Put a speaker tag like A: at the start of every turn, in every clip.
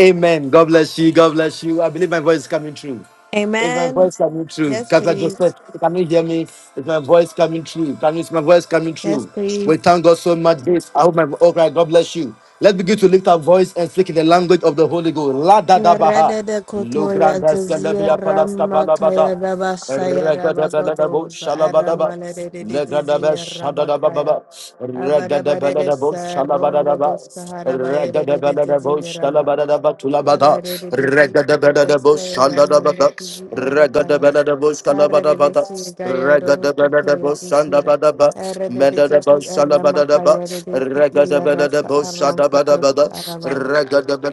A: Amen. God bless you. God bless you. I believe my voice is coming through. Is my
B: Amen.
A: voice coming through?
B: Yes,
A: Catholic Joseph,
B: please.
A: can you hear me? Is my voice coming through? Can you, is my voice coming
B: Yes,
A: through? We
B: please.
A: thank God so much. This I hope my all right. God bless you. Let's begin to lift our voice and speak in the language of the Holy Ghost. La da da baha.
B: Yarada de
A: Lo
B: Kotoya
A: granda selebia
B: Zazira
A: palas kabala
B: Makaya
A: bada.
B: Rabasaya
A: Regadabelebo
B: Rabagodos
A: Shalabadaba,
B: Aramale de
A: Legadabe
B: Zizia Rabakaya
A: Shadadababa,
B: Avarabade de
A: Regadabelebo
B: Sarungo
A: Shalabadaba,
B: dos Kaharabaye de
A: Regadabelebo
B: Zizia Raba
A: Shalabadaba Tulabada,
B: Avarede de
A: Regadabelebo
B: Zizia Ramanda
A: Shalabadaba,
B: Zizia
A: Regadabelebo
B: Arre de decir
A: Shalabadaba,
B: gayaro cotoya
A: Regadabelebo
B: decir
A: Shandabadaba,
B: arre de de
A: Mendadabo
B: gigi arama
A: Shalabadaba,
B: kaya de de di illa rasta
A: Regadabelebo
B: arron cotosta
A: Shadabadabada,
B: arabaya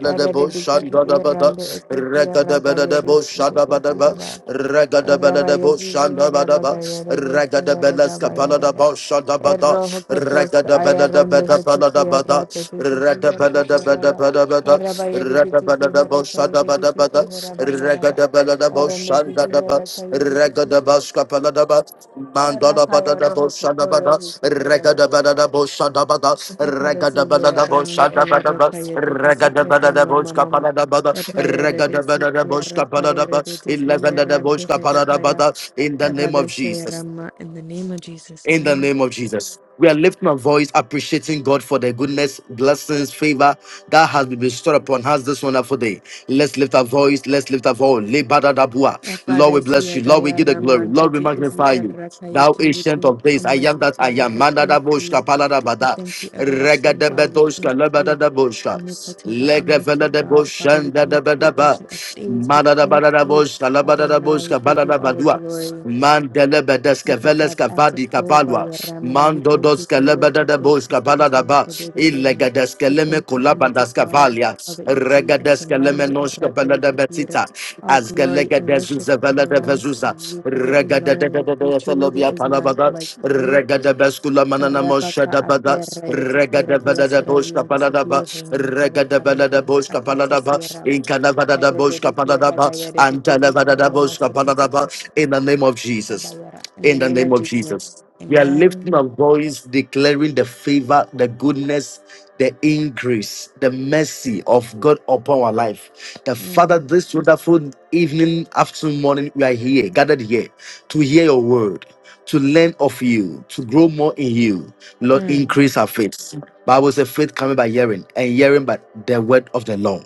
B: arre de de gigi irrande
A: Shandabada,
B: esofia ragaya de
A: Regadabelebo
B: de de
A: Shadabadaba,
B: ziraba
A: Regada Belada
B: arabaya zizi
A: Boshanda
B: heraba
A: Badaba,
B: gaya de de
A: Regada
B: zihara
A: Belaska
B: gabaya
A: da
B: raba
A: Boshanda Bada,
B: erroho cotosta
A: Regada Belada
B: ayarande
A: Beta
B: hete
A: Balada
B: sierra
A: Bada,
B: de de gigi
A: Reda Belada
B: herabaya
A: Beta
B: raba
A: Bada Bada,
B: arabaya de de
A: Reda
B: gigi
A: Belada
B: herakaya
A: Boshanda
B: de de
A: Bada
B: gigi
A: Bada,
B: herabaya raba
A: Regada Belada Boshanda Bada, Regada Baska Balada Bada, Mandala Bada
B: Errakaya
A: de
B: roho
A: Boshanda
B: kotoya
A: Bada,
B: zizihiraba.
A: Regada Belada Boshanda Bada,
B: Epada
A: Regada Belada
B: zihirame
A: Boshanda Bada,
B: elorrakaya tetesi
A: Regada Belada
B: errama mamama.
A: Boshanda Bada,
B: Epaya
A: Regada
B: redesi
A: Belada
B: kiara
A: Boshanda
B: paya
A: Bada,
B: redesi
A: in the
B: zihirande herapaya.
A: name
B: Epada
A: of Jesus.
B: shayarama in the name of Jesus.
A: In the
B: Amen.
A: name of Jesus. We are lifting our voice, appreciating God for the goodness, blessings, favor that has been bestowed upon us this wonderful day. Let's lift our voice. Let's lift our voice. Lebadadabua. Lord,
B: Epada
A: we bless you. Lord, we
B: shiyagaya
A: give the glory. Lord, we
B: ramantezi izi
A: magnify you.
B: errakaya
A: Thou
B: ti. We
A: ancient of
B: thank you,
A: days, I am
B: Almighty
A: that I
B: Father.
A: am.
B: We
A: Manada
B: thank you.
A: boshka palada
B: We
A: bada.
B: thank you, everlasting
A: Regada
B: God. We
A: bedoshka
B: thank
A: lebada
B: you,
A: da boshka.
B: omnipotent God,
A: Legavela
B: omniscient
A: de
B: God. Father, we
A: boshanda da
B: thank you,
A: bada ba.
B: ancient of days. We
A: Manada
B: thank
A: bada
B: you,
A: boshka lebada da
B: Adonai. We
A: boshka
B: give you
A: balada
B: all the
A: badua.
B: glory.
A: Mandele bedeska
B: Abba, Father,
A: veleska vadi
B: Atekova,
A: kapalwa.
B: Yerama. We
A: Mando
B: thank you
A: doska
B: for we are
A: lebada
B: so
A: da
B: grateful
A: boshka
B: for this
A: balada ba.
B: wonderful day that you have made.
A: Illegadeska
B: We
A: leme
B: thank you, Almighty
A: kulabandaska
B: God,
A: valia.
B: for all that you do.
A: Regadeska leme
B: Asimande,
A: noshka
B: Eraka,
A: balada
B: Yudhira.
A: betita.
B: All glory
A: Azgalega
B: and worship
A: dezuza vela de
B: belongs to
A: vezuza.
B: you, for there is no
A: Regada de de
B: one like
A: de
B: you.
A: de
B: Truly, there
A: felobia
B: is none
A: palabaga.
B: like you.
A: Regada beskula manana mosha
B: Tarabaka
A: da bada.
B: aterra yeti ira
A: Regada vela de
B: blessera
A: boshka
B: yumba
A: paladaba.
B: sibiya hunu kada
A: Regada
B: kara
A: vela
B: mi
A: de
B: pinti
A: boshka
B: akacha
A: paladaba.
B: sierra
A: Inkana vada da
B: Terebe
A: boshka
B: de sierra
A: paladaba.
B: kayere de
A: Antana
B: tizi
A: vada da
B: rama
A: boshka
B: pinti
A: paladaba.
B: sierra
A: In the name of Jesus.
B: abayara. In the
A: In the
B: name
A: name
B: of
A: of Jesus.
B: Jesus.
A: We are
B: Amen.
A: lifting our voice, declaring the favor, the goodness, the increase, the mercy of God upon our life. The Father,
B: Mm.
A: this wonderful evening, afternoon, morning, we are here, gathered here to hear your word, to learn of you, to grow more in you. Lord,
B: Mm.
A: increase our faith. Bible says faith coming by hearing, and hearing by the word of the Lord.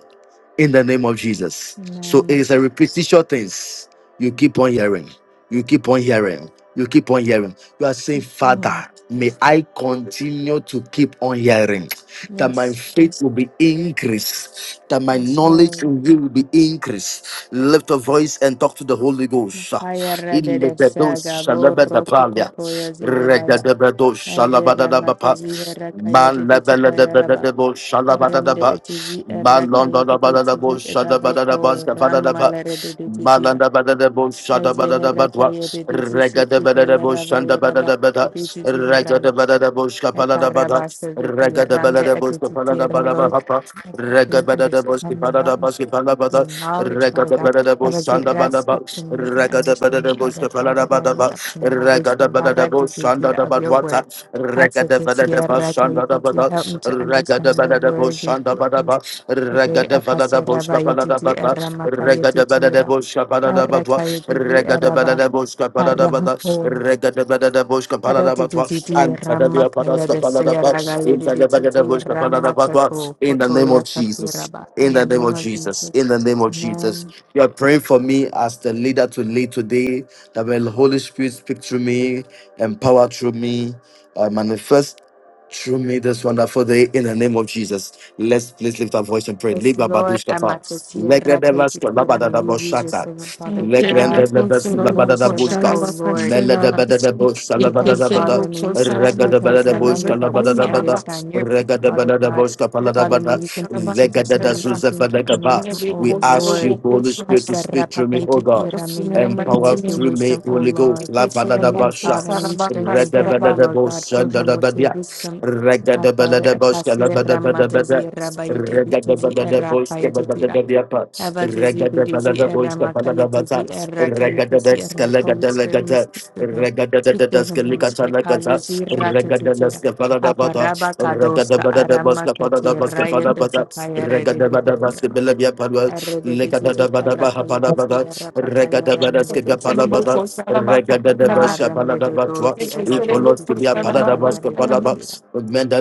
A: In the name of Jesus. So it
B: Amen.
A: is a repetition things. You keep on hearing. You keep on hearing. You keep on hearing. You are saying,
B: Lord.
A: Father, may I continue to keep on hearing that my
B: Yes.
A: faith will be increased, that my
B: Yes,
A: knowledge
B: Lord.
A: in you will be increased. Lift a voice and talk to the Holy Ghost.
B: Makayara de
A: In the
B: de
A: bedos
B: saga borro
A: shalabadapalia,
B: kokotoya zirebaya.
A: regadabedos
B: Azera
A: shalabadadabapa,
B: matazihera kayere de tikayaraba.
A: malabadadabadadabo
B: Rende
A: shalabadadaba,
B: etezi erraka yededezi
A: malondodabadadabo shalabadadaba,
B: edavoko ram
A: skafadadaba,
B: malere dedezira.
A: malandabadadabo
B: Eze herraka
A: shadabadadabadwa,
B: yededezi kide
A: regadabadadabo
B: yaraba yaraba
A: shandabadadabada,
B: dedezi
A: Raga da Regada
B: yaraba.
A: Balada Boschka da Bada,
B: Ekaraba shazadi
A: Regada
B: rambe
A: Balada Boschka
B: eteti
A: Palada Balaba
B: yaralo.
A: da
B: Bring
A: Regada Boschka da boshka
B: understanding,
A: pala
B: help
A: da
B: me to
A: Baski Palabada,
B: gain knowledge, Father God.
A: Regada da Boschanda
B: Avazira,
A: Badaba,
B: speak to me and
A: Regada Balada
B: understanding,
A: da
B: Father God,
A: Palada
B: that I may
A: Badaba,
B: obtain more
A: Regada
B: wisdom. Barra
A: Balada
B: dedezira
A: da
B: of your word.
A: Badwata,
B: Katsa
A: Regada
B: tesi
A: Balada
B: erraka
A: da
B: Help me
A: Bada,
B: to
A: Regada
B: understand your
A: Balada
B: word, your
A: Boschanda
B: teachings.
A: da
B: Today,
A: Regada Balada
B: Akasaraba
A: Boschka da
B: Yedidi
A: Bada,
B: Eramaka
A: Regada Balada
B: Yedidira,
A: Boschka Palada Badwa,
B: Araka Yedidi
A: Regada
B: Eraba,
A: Banana Boschka Panada Bada,
B: Arahako,
A: Regada Banana Boschka Panada Batwa,
B: Aradididi
A: and Tadavia
B: Ramaka
A: Panaska Panada Bat,
B: Yediseraga
A: in Tadabagada
B: Yedididi
A: Boschka Panada Batwa,
B: Ramatato,
A: in the name
B: Kotoya
A: of Jesus.
B: Katiraba. In
A: In
B: the
A: the name
B: name
A: of
B: of
A: Jesus, in
B: Jesus.
A: the name of Jesus,
B: Amen.
A: you are praying for me as the leader to lead today. That when the Holy Spirit speak through me, empower through me, uh, manifest through me this wonderful day in the name of Jesus. Let's please lift our voice and pray.
B: Yes,
A: Liba
B: Lord,
A: badushka pa.
B: Amatasiera
A: Legedeva
B: Kaitira, may you use your
A: skolaba
B: servant, Father
A: Legrande
B: God.
A: de Besula
B: Use your
A: Bada da
B: servant,
A: Busca,
B: O Lord,
A: Mela de
B: to
A: Bada de
B: speak
A: Busca, La
B: to
A: Bada
B: him,
A: da Bada,
B: Father. May you speak
A: Rega
B: to
A: de
B: him
A: Bada
B: in
A: de
B: a
A: Busca,
B: language
A: La
B: that we
A: Bada da
B: may
A: Bada,
B: understand. Your
A: Rega
B: people,
A: de
B: Father
A: Bada de
B: God.
A: Busca, Palada
B: Father,
A: Bada,
B: may you continue to
A: Lega
B: bless
A: de
B: him.
A: da
B: May you continue
A: Zuzefa
B: to
A: de
B: anoint
A: Gaba.
B: him, O
A: We ask
B: Lord.
A: you, Holy Spirit, to speak through me, O
B: Hasarapakaiti
A: God.
B: Ira, may you fill him
A: Empower
B: with your
A: through me,
B: wisdom, O
A: Holy
B: Lord.
A: Ghost, La Bada
B: May
A: da
B: you empower
A: Basha,
B: him, may you strengthen
A: Rega de
B: him, O
A: Bada de
B: Lord God.
A: Busca,
B: Fill
A: Da
B: him
A: da
B: with your
A: Badia,
B: wisdom,
A: Rega
B: our
A: de Bada
B: Father.
A: de Busca, La Bada
B: Akasira
A: Bada Bada,
B: madazira
A: Rega de
B: bayadiditizi
A: Bada de
B: era
A: Busca, Bada Bada
B: kayadidira.
A: Bada Regada
B: Abadiziditizi
A: balada
B: era
A: boiska balada
B: makayadizi
A: bata.
B: era
A: Regada
B: kayadizi
A: deska
B: era. Holy
A: legada
B: Spirit, may you
A: legata.
B: speak to him.
A: Regada da
B: Speak to him,
A: deska
B: Holy
A: likata
B: Spirit.
A: legata.
B: Kazajira
A: Regada
B: tatatira.
A: deska balada bata.
B: Aparaba
A: Regada
B: kadoska
A: balada
B: arama
A: boska balada
B: katira
A: boska balada bata. Regada balada
B: yatatira
A: boska bilabia palwa.
B: Erre de
A: Legada
B: decisi
A: da bada
B: erra
A: baha
B: caio
A: balada
B: decisi
A: bata.
B: erra pacaio
A: Regada
B: ram de
A: Badaska Gapala
B: decisi
A: bada
B: la
A: skibia palada bata. Regada da boska
B: pacaram de
A: balada bata.
B: dosi erra voci
A: Ikolos
B: si
A: kibia
B: tierra
A: paladabas
B: baiare de decisi
A: kapalabas,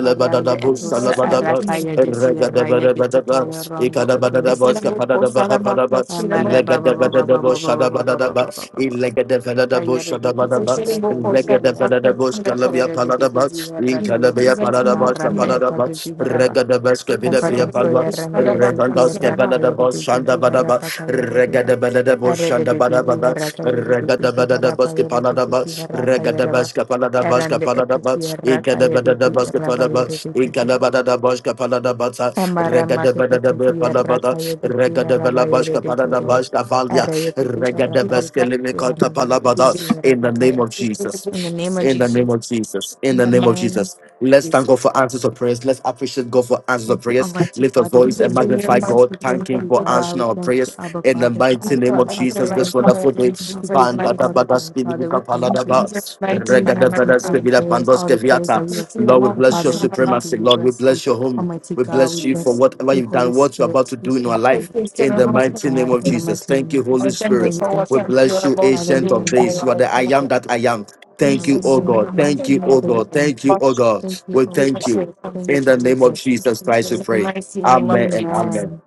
B: arrande etos arra
A: salabadabas,
B: caio decisi erra e de caio
A: Regadabadabadabas,
B: rondo otoio
A: Ikadabadabas
B: decisi
A: kapadabahapalabas,
B: amare baba baba baba
A: Legadabadabos
B: baba baba baba
A: shadabadabas,
B: baba
A: Ilegadabadabos
B: caiare de decisi erra
A: shadabadabas,
B: caio decisi
A: Legadabadabos kalabia
B: Erre de decisi
A: paladabas,
B: erra caio
A: Inkalabia
B: decisi
A: paladabas
B: arrande eto
A: kapaladabas,
B: decisi
A: Regadabas kabidapia
B: Father, so you
A: palabas,
B: render it is here,
A: Regandas
B: Rakaya, it
A: kapaladabas
B: is here,
A: shandabadabas,
B: Rapakaya, it is
A: Regada Banada
B: Arede
A: Boshanda
B: de Digi,
A: Badabada,
B: Harakaya, it is
A: Regada
B: here,
A: Banada Baski
B: Rapaya, it is
A: Panadaba,
B: here, Rakaya,
A: Regada
B: Rabba,
A: Baska Panada Baska
B: Arande, it is
A: Panadaba,
B: here,
A: Ikada
B: Rakaya, it is
A: Banada
B: here,
A: Baska Panaba,
B: Rabaya, it is
A: Ikada
B: here,
A: Banada Baska Panadabata,
B: Amara,
A: Regada
B: Mate, it
A: Banada
B: is here, Rakaya,
A: Panabata,
B: it is here,
A: Regada Bella
B: Rabaya,
A: Baska
B: it is
A: Panada
B: here,
A: Baska Valia,
B: Araya, it is here,
A: Regada
B: Rakaya, it
A: Baska
B: is here,
A: Limicota
B: Ramaya, it
A: Palabada,
B: is here,
A: in the name
B: Rapakaya.
A: of Jesus.
B: In the name of
A: In the name
B: Jesus.
A: of Jesus. In the name of
B: Amen.
A: Jesus. Let's thank God for answers of prayers. Let's appreciate God for answers
B: Thank
A: of
B: you,
A: prayers.
B: Almighty
A: Lift our
B: Father. We
A: voice and
B: thank you,
A: magnify
B: Jesus. We
A: God.
B: thank
A: Thank Him
B: you,
A: for
B: God.
A: answering
B: We
A: our
B: thank
A: prayers.
B: you, Abba
A: In the
B: Father, for
A: mighty name of
B: answering our
A: Jesus, this
B: prayers.
A: wonderful day.
B: Just to give you
A: Panda da
B: all the
A: bada
B: glory, Father. We
A: spimika palada
B: thank you.
A: ba.
B: Thank you for
A: Regada vada
B: answering our
A: spimida
B: prayers,
A: pandos
B: all the prayers that
A: keviata.
B: we have prayed
A: Lord, we
B: for,
A: bless your
B: Father. We thank you.
A: supremacy.
B: We
A: Lord, we
B: bless you,
A: bless your home.
B: Almighty
A: We
B: God. We
A: bless you for
B: bless
A: whatever
B: you,
A: you've
B: Holy
A: done, what you're about
B: Spirit.
A: to
B: We
A: do in our
B: thank you,
A: life. In the
B: Almighty
A: mighty name
B: God,
A: of
B: in the
A: Jesus.
B: mighty
A: Thank
B: name
A: you,
B: of
A: Holy
B: Jesus. Lord,
A: Spirit.
B: we thank
A: We
B: you.
A: bless you,
B: Father, we
A: Ancient of
B: thank you.
A: Days. You are the I am that I am.
B: You are
A: Thank
B: the
A: you, oh God.
B: everlasting
A: Thank you, oh
B: Father. We
A: God.
B: thank
A: Thank you,
B: you.
A: oh God.
B: Thank you,
A: We
B: oh,
A: thank you.
B: thank
A: In
B: you,
A: the name of
B: Jesus. Thank
A: Jesus
B: you,
A: Christ, we
B: Jesus.
A: pray. Amen and amen.
B: Amen.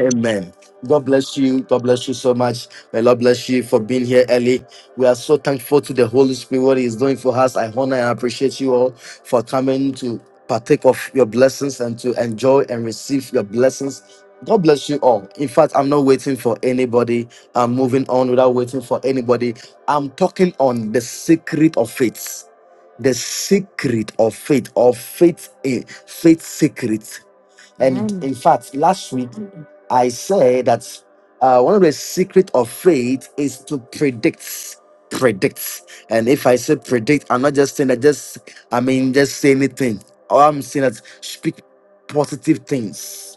A: Amen. God bless you. God bless you so much. May Lord bless you for being here early. We are so thankful to the Holy Spirit, what He is doing for us. I honor and appreciate you all for coming to partake of your blessings and to enjoy and receive your blessings. God bless you all. In fact, I'm not waiting for anybody. I'm moving on without waiting for anybody. I'm talking on the secret of faith the secret of faith or faith in faith secret and
B: Amen.
A: in fact, last week I said that uh, one of the secret of faith is to predict, predict. And if I say predict, I'm not just saying that. Just I mean, just say anything. All I'm saying is speak positive things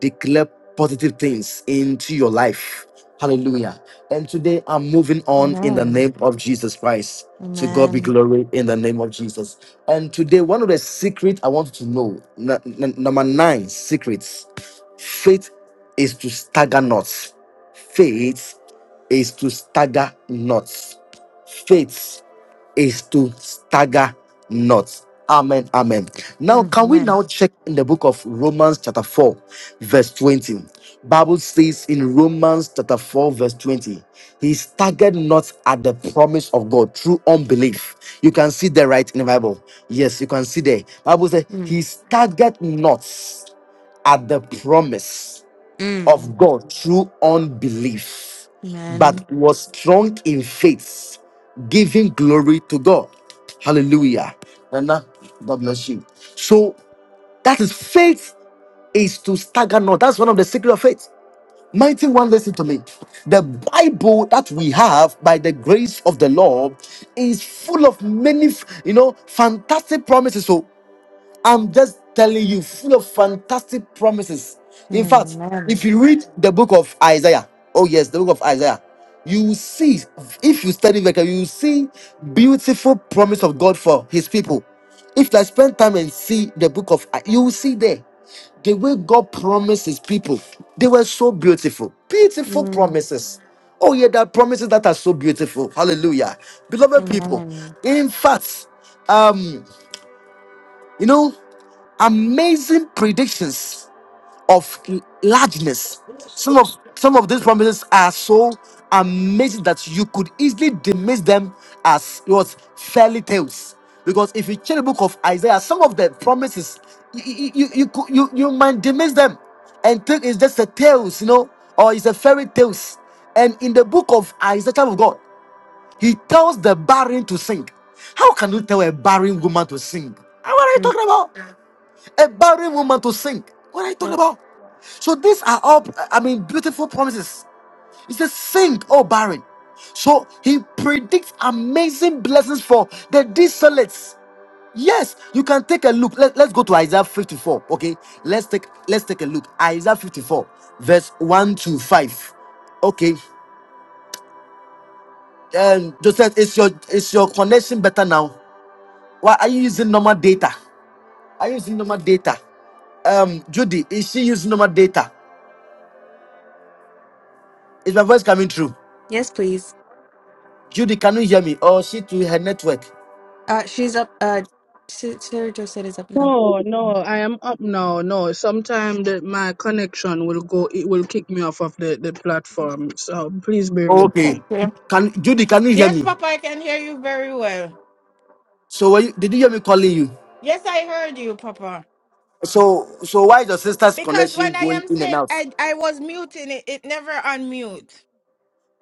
A: declare positive things into your life. Hallelujah. And today I'm moving on in the
B: Amen.
A: name of Jesus Christ. To God be
B: Amen.
A: glory in the name of Jesus. And today, one of the secrets I want you to know, n- n- number nine secrets, faith is to stagger not. Faith is to stagger not. Faith is to stagger not. Amen. Amen. Now,
B: Mm,
A: can we
B: Amen.
A: now check in the book of Romans chapter 4, verse 20? Bible says in Romans chapter 4, verse 20, he staggered not at the promise of God through unbelief. You can see there right in the Bible. Yes, you can see there. Bible says
B: Mm,
A: he staggered not at the promise
B: mm.
A: of God through unbelief,
B: Amen.
A: but was strong in faith, giving glory to God. Hallelujah. Nana, God bless you. So that is faith is to stagger not. That's one of the secret of faith. Mighty one, listen to me. The Bible that we have by the grace of the Lord is full of many, you know, fantastic promises. So, I'm just telling you, full of fantastic promises. In fact,
B: Mm,
A: if
B: Amen.
A: you read the book of Isaiah, oh yes, the book of Isaiah, you will see, if you study very carefully, you will see beautiful promise of God for his people. If I spend time and see the book of, I- you will see there the way God promised his people. They were so beautiful, beautiful
B: Mm,
A: promises. Oh yeah, there are promises that are so beautiful. Hallelujah, beloved people.
B: Amen.
A: In fact, um, you know amazing predictions of largeness. Some of some of these promises are so amazing that you could easily dismiss them as what fairy tales. Because if you check the book of Isaiah, some of the promises you you you you, could- you, you might dismiss them and think it's just a tales, you know, or it's a fairy tales. And in the book of Isaiah, child of God, he tells the barren to sing. How can you tell a barren woman to sing? What are you
B: Mm,
A: talking about? a barren woman to sing. What are you talking
B: Yeah.
A: about? So these are all, I mean, beautiful promises. He says, sing, oh barren. So he predicts amazing blessings for the desolates. Yes, you can take a look. Let, let's go to Isaiah 54. Okay, let's take let's take a look. Isaiah 54, verse 1 to 5. Okay. Um, Joseph, is your is your connection better now? Why are you using normal data? Are you using normal data? Um, Judy, is she using normal data? Is my voice coming through?
B: Yes, please.
A: Judy, can you hear me? Or she to her network?
B: Uh, she's up. Uh, S- Sarah Josette is up now.
C: No, no, I am up now. No, sometime the, my connection will go, it will kick me off of the, the platform. So please bear with
A: Okay.
C: me.
A: Can Judy, can you hear
D: Yes,
A: me?
D: Papa, I can hear you very well.
A: So were you, did you hear me calling you?
D: Yes, I heard you, Papa.
A: So so why is your sister's
D: Because
A: connection
D: when I
A: going
D: am
A: in and
D: saying
A: out?
D: I, I was muting it, it never unmute.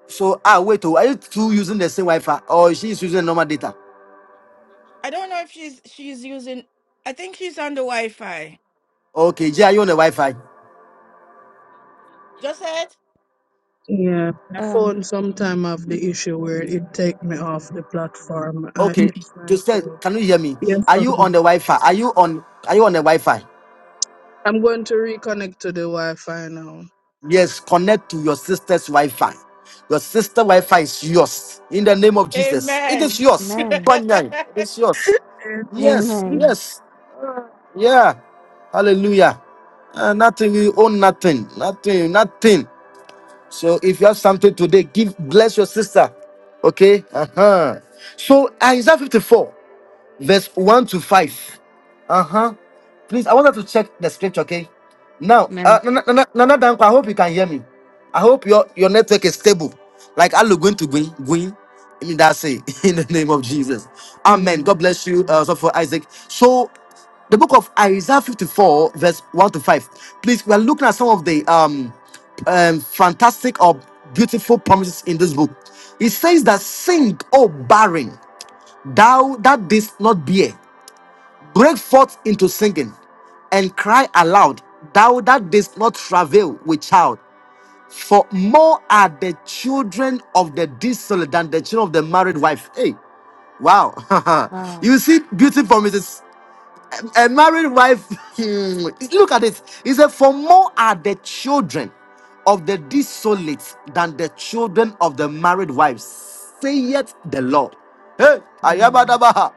A: So ah wait, oh, are you two using the same Wi-Fi or she is using normal data?
D: I don't know if she's she's using I think she's on the Wi-Fi.
A: Okay, Jay, are you on the Wi-Fi?
D: Just said
C: Yeah, my
B: Um,
C: phone sometime have the issue where it take me off the platform. I,
A: Okay,
C: it's my
A: Joseph,
C: fault.
A: can you hear me?
C: Yes,
A: Are you
C: Papa.
A: on the Wi-Fi? Are you on are you on the Wi-Fi?
C: I'm going to reconnect to the Wi-Fi now.
A: Yes, connect to your sister's Wi-Fi. Your sister Wi-Fi is yours. In the name of Jesus, it
D: Amen.
A: is yours.
B: Amen.
A: Banyan, it is yours.
C: Eh,
A: Yes,
B: Amen.
A: yes, yeah. Hallelujah. Uh, nothing, we own nothing, nothing, nothing. So if you have something today, give bless your sister. Okay. Uh huh. So Isaiah 54 verse 1 to 5. Uh huh. Please, I wanted to check the scripture, okay? Now, uh,
B: Amen.
A: Nana Nana- Nana Danko, I hope you can hear me. I hope your, your network is stable. Like, I look going to going, going. I mean, that's it. In the name of Jesus. Amen. God
B: Amen.
A: bless you, uh, so for Isaac. So, the book of Isaiah 54, verse 1 to 5. Please, we are looking at some of the um, um fantastic or beautiful promises in this book. It says that sing, oh barren thou that didst not bear, break forth into singing, and cry aloud, thou that didst not travail with child. For more are the children of the desolate than the children of the married wife. Hey, wow.
B: Wow.
A: you see beauty for a married wife, hmm, look at it. He said, For more are the children of the desolate than the children of the married wives, saith the Lord. Hey,
B: Mm.
A: ayabadabaha.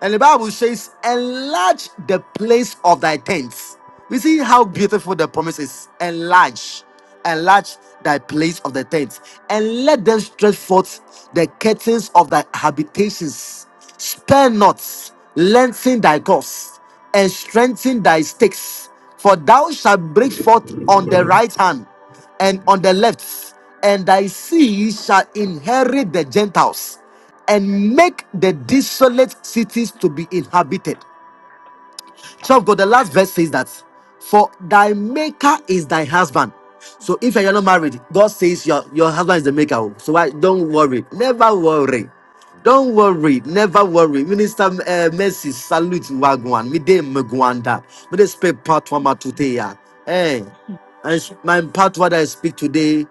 A: And the Bible says, Enlarge the place of thy tents. We see how beautiful the promise is. Enlarge, enlarge thy place of the tents, and let them stretch forth the curtains of thy habitations. Spare not, lengthen thy course and strengthen thy stakes. For thou shalt break forth on the right hand and on the left, and thy seed shall inherit the Gentiles and make the desolate cities to be inhabited. Child of God, the last verse says that, for thy maker is thy husband. So if you're not married, God says your, your husband is the maker. oh. So why don't worry, never worry. Don't worry, never worry. Minister uh, Mercy, salute Wagwan. Me de Mugwanda. Me de speak part one today. yeah. Hey, and sh- my part what I speak today,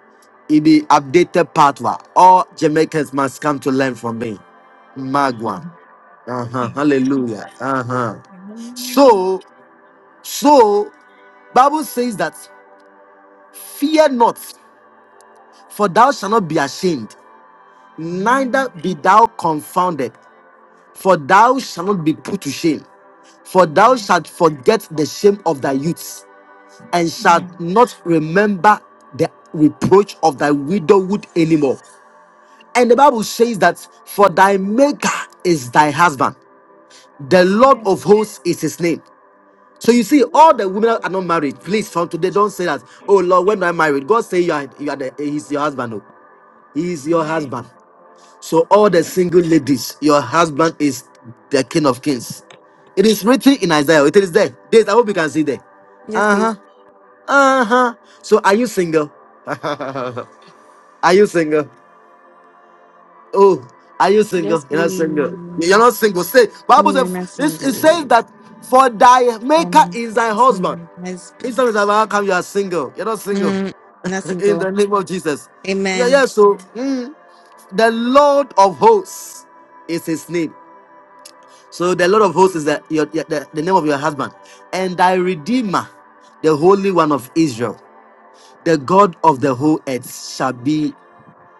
A: it be updated part one. All Jamaicans must come to learn from me.
E: Thank
A: Magwan. Uh-huh.
E: you.
A: Hallelujah. Uh-huh.
E: Amen.
A: So. So, Bible says that fear not, for thou shalt not be ashamed, neither
E: Amen.
A: be thou confounded, for thou shalt not be put to shame. For thou
E: Amen.
A: shalt forget the shame of thy youth, and shalt
E: Mm.
A: not remember the reproach of thy widowhood anymore. And the Bible says that for thy maker is thy husband, the Lord
E: Amen.
A: of hosts is his name So you see, all
E: Hallelujah.
A: the women are not married. Please, from today, don't say that. Oh Lord, when am I married? God say you are, you are the, he's your husband. No, he is your
E: Amen.
A: husband. So all the single ladies, your husband is the King of Kings. It is written in Isaiah. It
E: Amen.
A: is there. This I hope you can see there.
B: Yes,
A: Uh huh.
B: please.
A: Uh huh. So are you single? are you single? Oh, are you single?
B: Yes,
A: You're not
B: please.
A: single. You're
B: Me
A: not single. Say Bible
B: and
A: says
B: my
A: this. It
B: single.
A: says that for thy maker
B: Um,
A: is thy
B: yes,
A: husband.
B: my
A: Each
B: husband.
A: time you shall not come, you are single. You're not single.
B: Mm, not
A: In
B: single.
A: the name of Jesus. Yeah, yeah.
B: Amen.
A: So
E: Mm.
A: mm, the Lord of hosts is his name. So the Lord of hosts is the, your, your- the, the name of your husband. And thy redeemer, the holy one of Israel, the God of the whole earth, shall be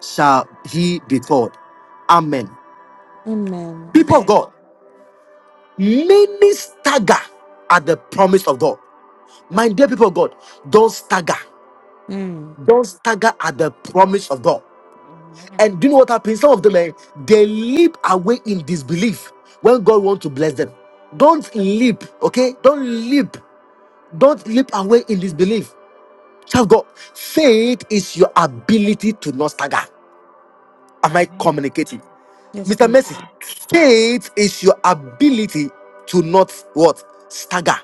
A: shall he be called. Amen.
B: Amen.
A: People of God,
E: Amen.
A: many stagger at the promise of God. My dear people of God, don't stagger.
B: Mm.
A: Don't stagger at the promise of God. And do you know what happens? Some of them, eh, they leap away in disbelief when God wants to bless them. Don't leap, okay? Don't leap. Don't leap away in disbelief. Child of God, faith is your ability to not stagger. Am I
E: Amen.
A: communicating?
B: Yes,
A: Mr.
B: please.
A: Mercy, faith is your ability to not what? Stagger.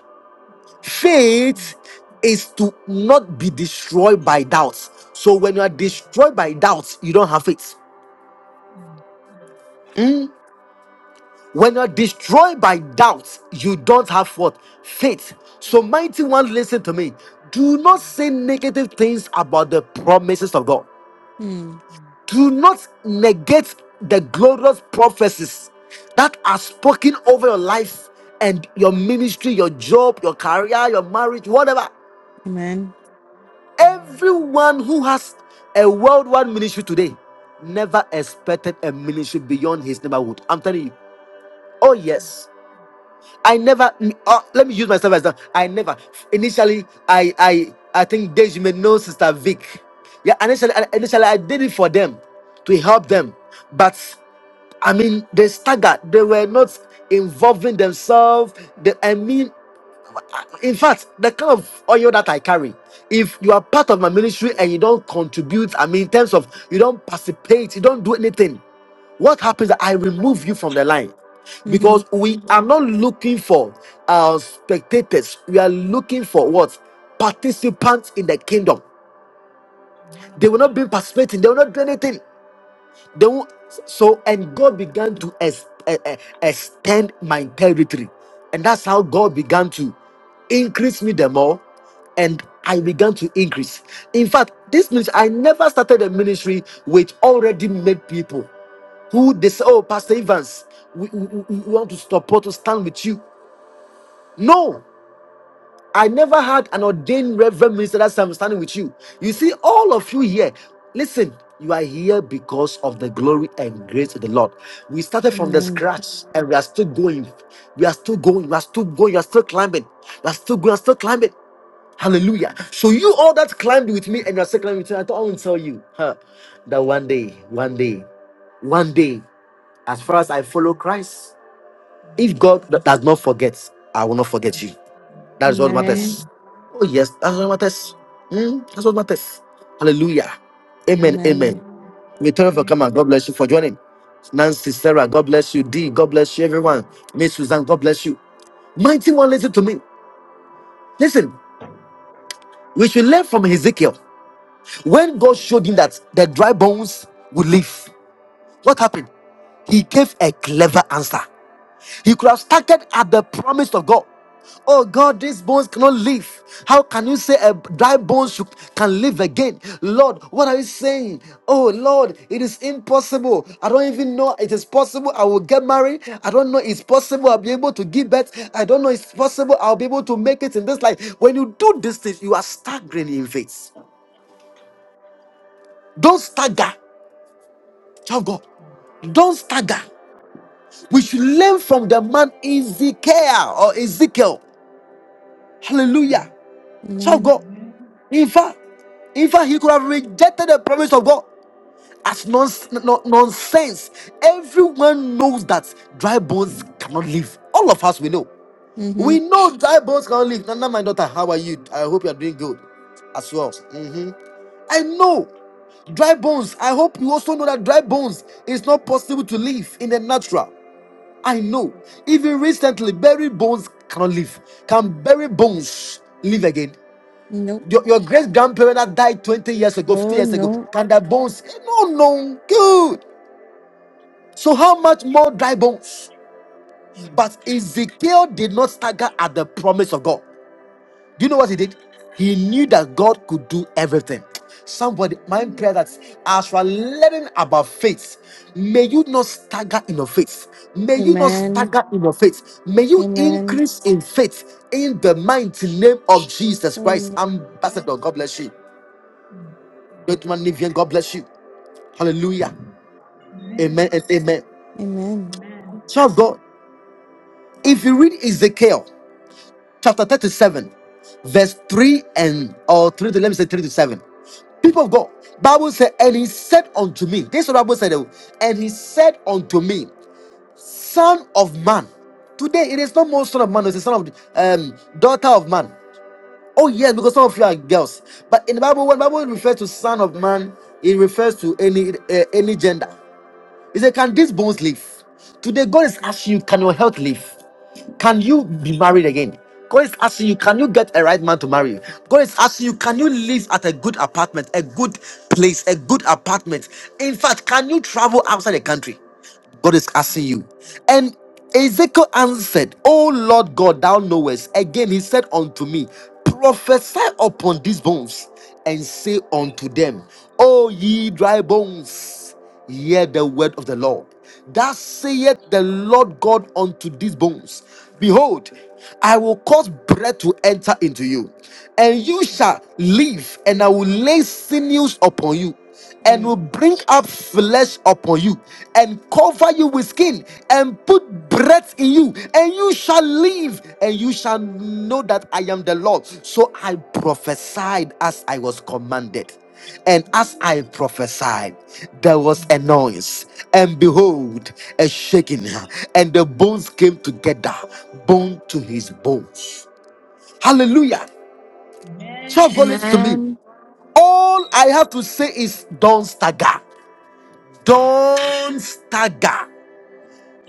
E: Amen. Mm.
A: Faith is to not be destroyed by doubts. So when you are
E: Mm.
A: destroyed by doubts, you don't have faith.
E: Mm.
A: When you're destroyed by doubt, you don't have what? Faith. So, mighty one, listen to me. Do not say negative things about the promises of God.
B: Hmm.
E: Mm.
A: Do not negate the glorious prophecies that are spoken over your life and your ministry, your job, your career, your marriage, whatever.
B: Amen.
E: Amen.
A: Everyone who has a worldwide ministry today never expected a ministry beyond his neighborhood. I'm telling you. Oh,
E: Mm.
A: yes. I never. mm, Uh, let me use myself as that. I never. Initially, I I I think Dej, you may know Sister Vic. Yeah, initially, initially I did it for them to help them, but I mean they staggered. They were not involving themselves. They, I mean. In fact, the kind of oil that I carry, if you are part of my ministry and you don't contribute, I mean, in terms of you don't participate, you don't do anything, what happens? is I remove you from the line
B: Mm-hmm.
A: because we are not looking for uh, spectators, we are looking for what participants in the kingdom. They will not be participating, they will not do anything. They won't, so and God began to ex, eh, eh, extend my territory, and that's how God began to increase me the more, and I began to increase. In fact, this means I never started a ministry with already made people who they say, "Oh, Pastor Evans, we, we we want to support to stand with you." No, I never had an ordained reverend minister that's I'm standing with you. You see, all of you here, listen, you are here because of the glory and grace of the Lord. We started from the
B: Amen.
A: scratch and we are still going. We are still going. We are still going. You are still climbing. You are still going. You are still climbing. Hallelujah. So you all that climbed with me and you are still climbing with me, I thought I will tell you huh, that one day, one day, one day, as far as
E: Mm.
A: I follow Christ, if God
E: Hallelujah.
A: does not forget, I will not forget you. That's what
B: Amen.
A: matters. Oh, yes,
E: Mm. Amen.
A: that's
E: Mm.
A: what matters. Hmm, that's what matters. Hallelujah. Amen.
B: Amen.
A: Amen.
E: Amen.
A: We thank you for
E: Amen.
A: coming. God bless you for joining. Nancy, Sarah, God bless you. Dee, God bless you, everyone. Miss Suzanne, God bless you. Mighty one, listen to me. Listen, we should learn from Ezekiel. When God showed him that the dry bones would live, what happened? He gave a clever answer. He could have started at the promise of God. Oh God, these bones cannot live. How can you say a dry bone should, can live again? Lord, what are you saying? Oh Lord, it is impossible. I don't even know it is possible. I will get married. I don't know it's possible. I'll be able to give birth. I don't know it's possible. I'll be able to make it in this life. When you do these things, you are staggering in faith. Don't stagger, child of God. Don't stagger. We should learn from the man Ezekiel or Ezekiel.
E: Mm.
A: Hallelujah. So
B: Amen.
A: God,
E: Amen.
A: in fact, in fact, he could have rejected the promise of God as nons- non- nonsense. Everyone knows that dry bones cannot live. All of us we know.
B: Mm-hmm.
A: We know dry bones cannot live. Nana, my daughter, how are you? I hope you are doing good as well. Mhm. I know dry bones. I hope you also know that dry bones is not possible to live in the natural. I know. Even recently, buried bones cannot live. Can buried bones live again?
B: Nope.
A: Your, your great grandparent that died 20 years ago, 50
B: Oh
A: years ago,
B: no.
A: can their bones? eh, No, no, good. So, how much more dry bones?
E: Mm.
A: But Ezekiel did not stagger at the promise of God. Do you know what he did? He knew that God could do everything. Somebody, my
E: Hallelujah.
A: prayer that as you are learning about faith, may you not stagger in your faith. May you not
B: Amen.
A: stagger in
E: Amen.
A: your faith. May you
B: Amen.
E: Amen.
A: increase in faith in the mighty name of Jesus
B: Oh
A: Christ,
B: no.
A: ambassador. God bless you. Great man, Nivian, God bless you. Hallelujah. Amen and amen.
B: Amen.
E: Amen.
A: So, God, if you read Ezekiel chapter 37, verse 3 and or 3 to let me say 3 to 7. People of God, Bible said, and he said unto me, this is what Bible said, oh, and he said unto me, Son of man, today it is not more son of man, it's the son of um daughter of man. Oh, yes, because some of you are girls. But in the Bible, when Bible refers to son of man, it refers to any uh, any gender. He said, Can these bones live? Today, God is asking you, Can your health live? Can you be married again? God is asking you, Can you get a right man to marry you? God is asking you, Can you live at a good apartment, a good place, a good apartment? In fact, can you travel outside the country? God is asking
E: Mm. Amen.
A: you. And Ezekiel answered, O Lord God, thou knowest. Again, he said unto me, Prophesy upon these bones and say unto them, O ye dry bones hear the word of the Lord. Thus saith the Lord God unto these bones Behold, I will cause breath to enter into you, and you
E: Amen.
A: shall live, and I will lay sinews upon you, and will
B: Mm.
A: bring up flesh upon you, and cover you with skin, and put breath in you, and you shall live, and you shall know that I am the Lord. So I prophesied as I was commanded. And as I prophesied, there was a
E: Amen.
A: noise, and behold, a shaking, and the bones came together, bone to his bones. Hallelujah. So God, listen to me.
B: Amen.
A: All I have to say is don't stagger. Don't stagger.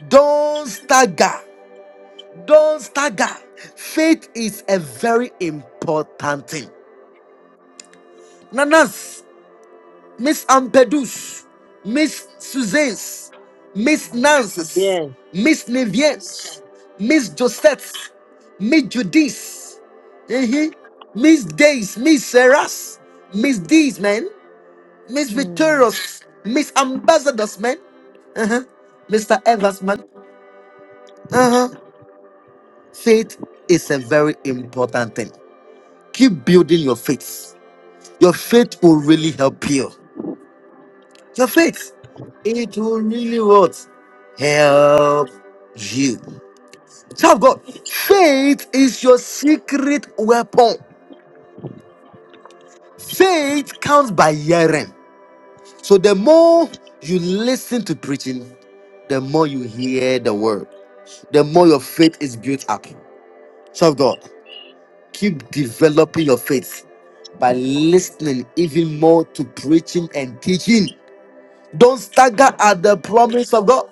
A: Don't stagger. Don't stagger. Faith is a very important thing. Nanas. Miss Ampedus, Miss Suzanne's, Miss Nance's,
F: Yes,
A: Miss Nivien's, Miss Josette's, Miss Judy's, mhm, Miss Days, Miss Sarah's, Miss D's, man, Miss
B: Mm.
A: Victorious, Miss Ambassador's, man, uh-huh, Mr. Evers, man. Uh-huh. Faith is a very important thing. Keep building your faith. Your faith will really help you. Your faith. It will really what? Help you. Child of God, faith is your secret weapon. Faith comes by hearing. So the more you listen to preaching, the more you hear the word, the more your faith is built up. Child of God, keep developing your faith by listening even more to preaching and teaching. Don't stagger at the promise of God.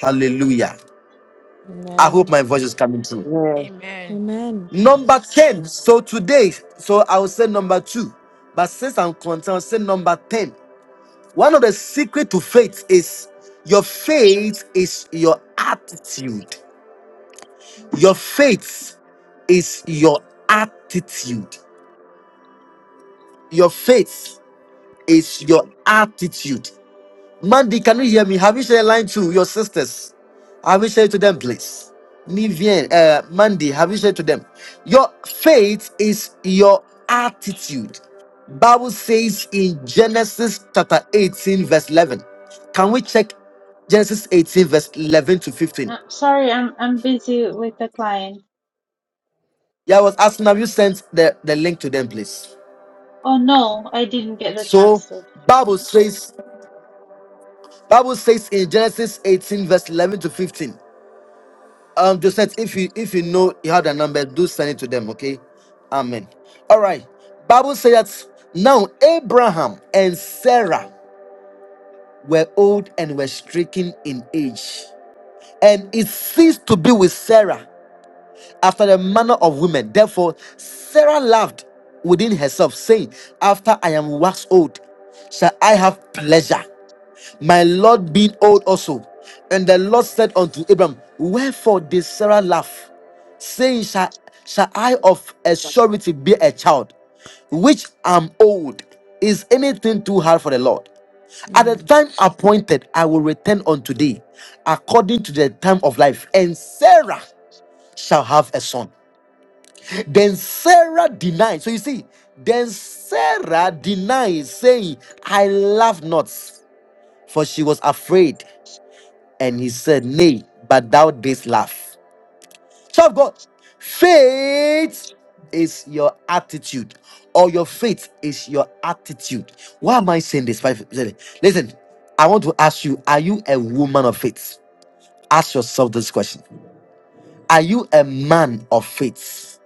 A: Hallelujah. I hope
B: Amen.
A: my
E: Amen.
A: voice is coming through.
F: yes,
D: Amen.
B: Amen.
E: Praise,
A: Number 10. So today, so I will say number two. But since I'm content, I'll say number 10. One of the secret to faith is your faith is your attitude. Your faith is your attitude. Your faith is your attitude. Mandy, can you hear me? Have you shared a line to your sisters? Have you shared to them, please? Nivian, uh, Mandy, have you shared to them? Your faith is your attitude. Bible says in Genesis chapter 18, verse 11. Can we check Genesis 18, verse 11 to 15?
G: Uh, sorry, I'm I'm busy with the client.
A: Yeah, I was asking, have you sent the, the link to them, please?
G: Oh no, I didn't get the
A: So,
G: chance to.
A: Bible says, Bible says in Genesis 18, verse 11 to 15. Um, Joseph, if you if you know you have the number, do send it to them. Okay, Amen. All right. Bible says that now Abraham and Sarah were old and were stricken in age, and it ceased to be with Sarah after the manner of women. Therefore, Sarah laughed within herself, saying, "After I am waxed old, shall I have pleasure?" my Lord being old also. And the Lord said unto Abram, Wherefore did Sarah laugh, saying, Shall, shall I of a surety be a child, which am old? Is anything too hard for the Lord? At the
B: Mm.
A: time appointed, I will return unto thee according to the time of life, and Sarah shall have a son. Then Sarah denied. So you see, then Sarah denied, saying, I laugh not, for she was afraid. And he said, Nay, but thou didst laugh. So of God, faith is your attitude, or your faith is your attitude. Why am I saying this? Five- Listen, I want to ask you: Are you a woman of faith? Ask yourself this question: Are you a man of faith?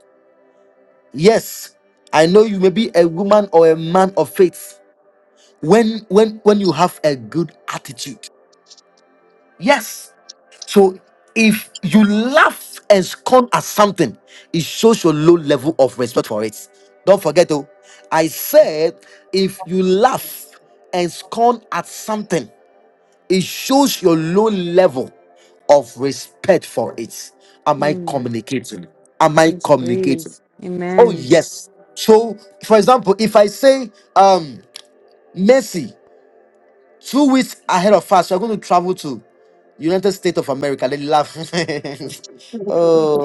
A: Yes, I know you may be a woman or a man of faith. When when when you have a good attitude. Yes. So if you laugh and scorn at something, it shows your low level of respect for it. Don't forget, oh, I said if you laugh and scorn at something, it shows your low level of respect for it. Am I
B: Mm.
A: communicating? Am I
B: Yes,
A: communicating?
B: please.
A: Oh
B: Amen.
E: praise,
A: yes. So, for example, if I say um mercy. Two weeks ahead of us, we're going to travel to United States of America. They laugh.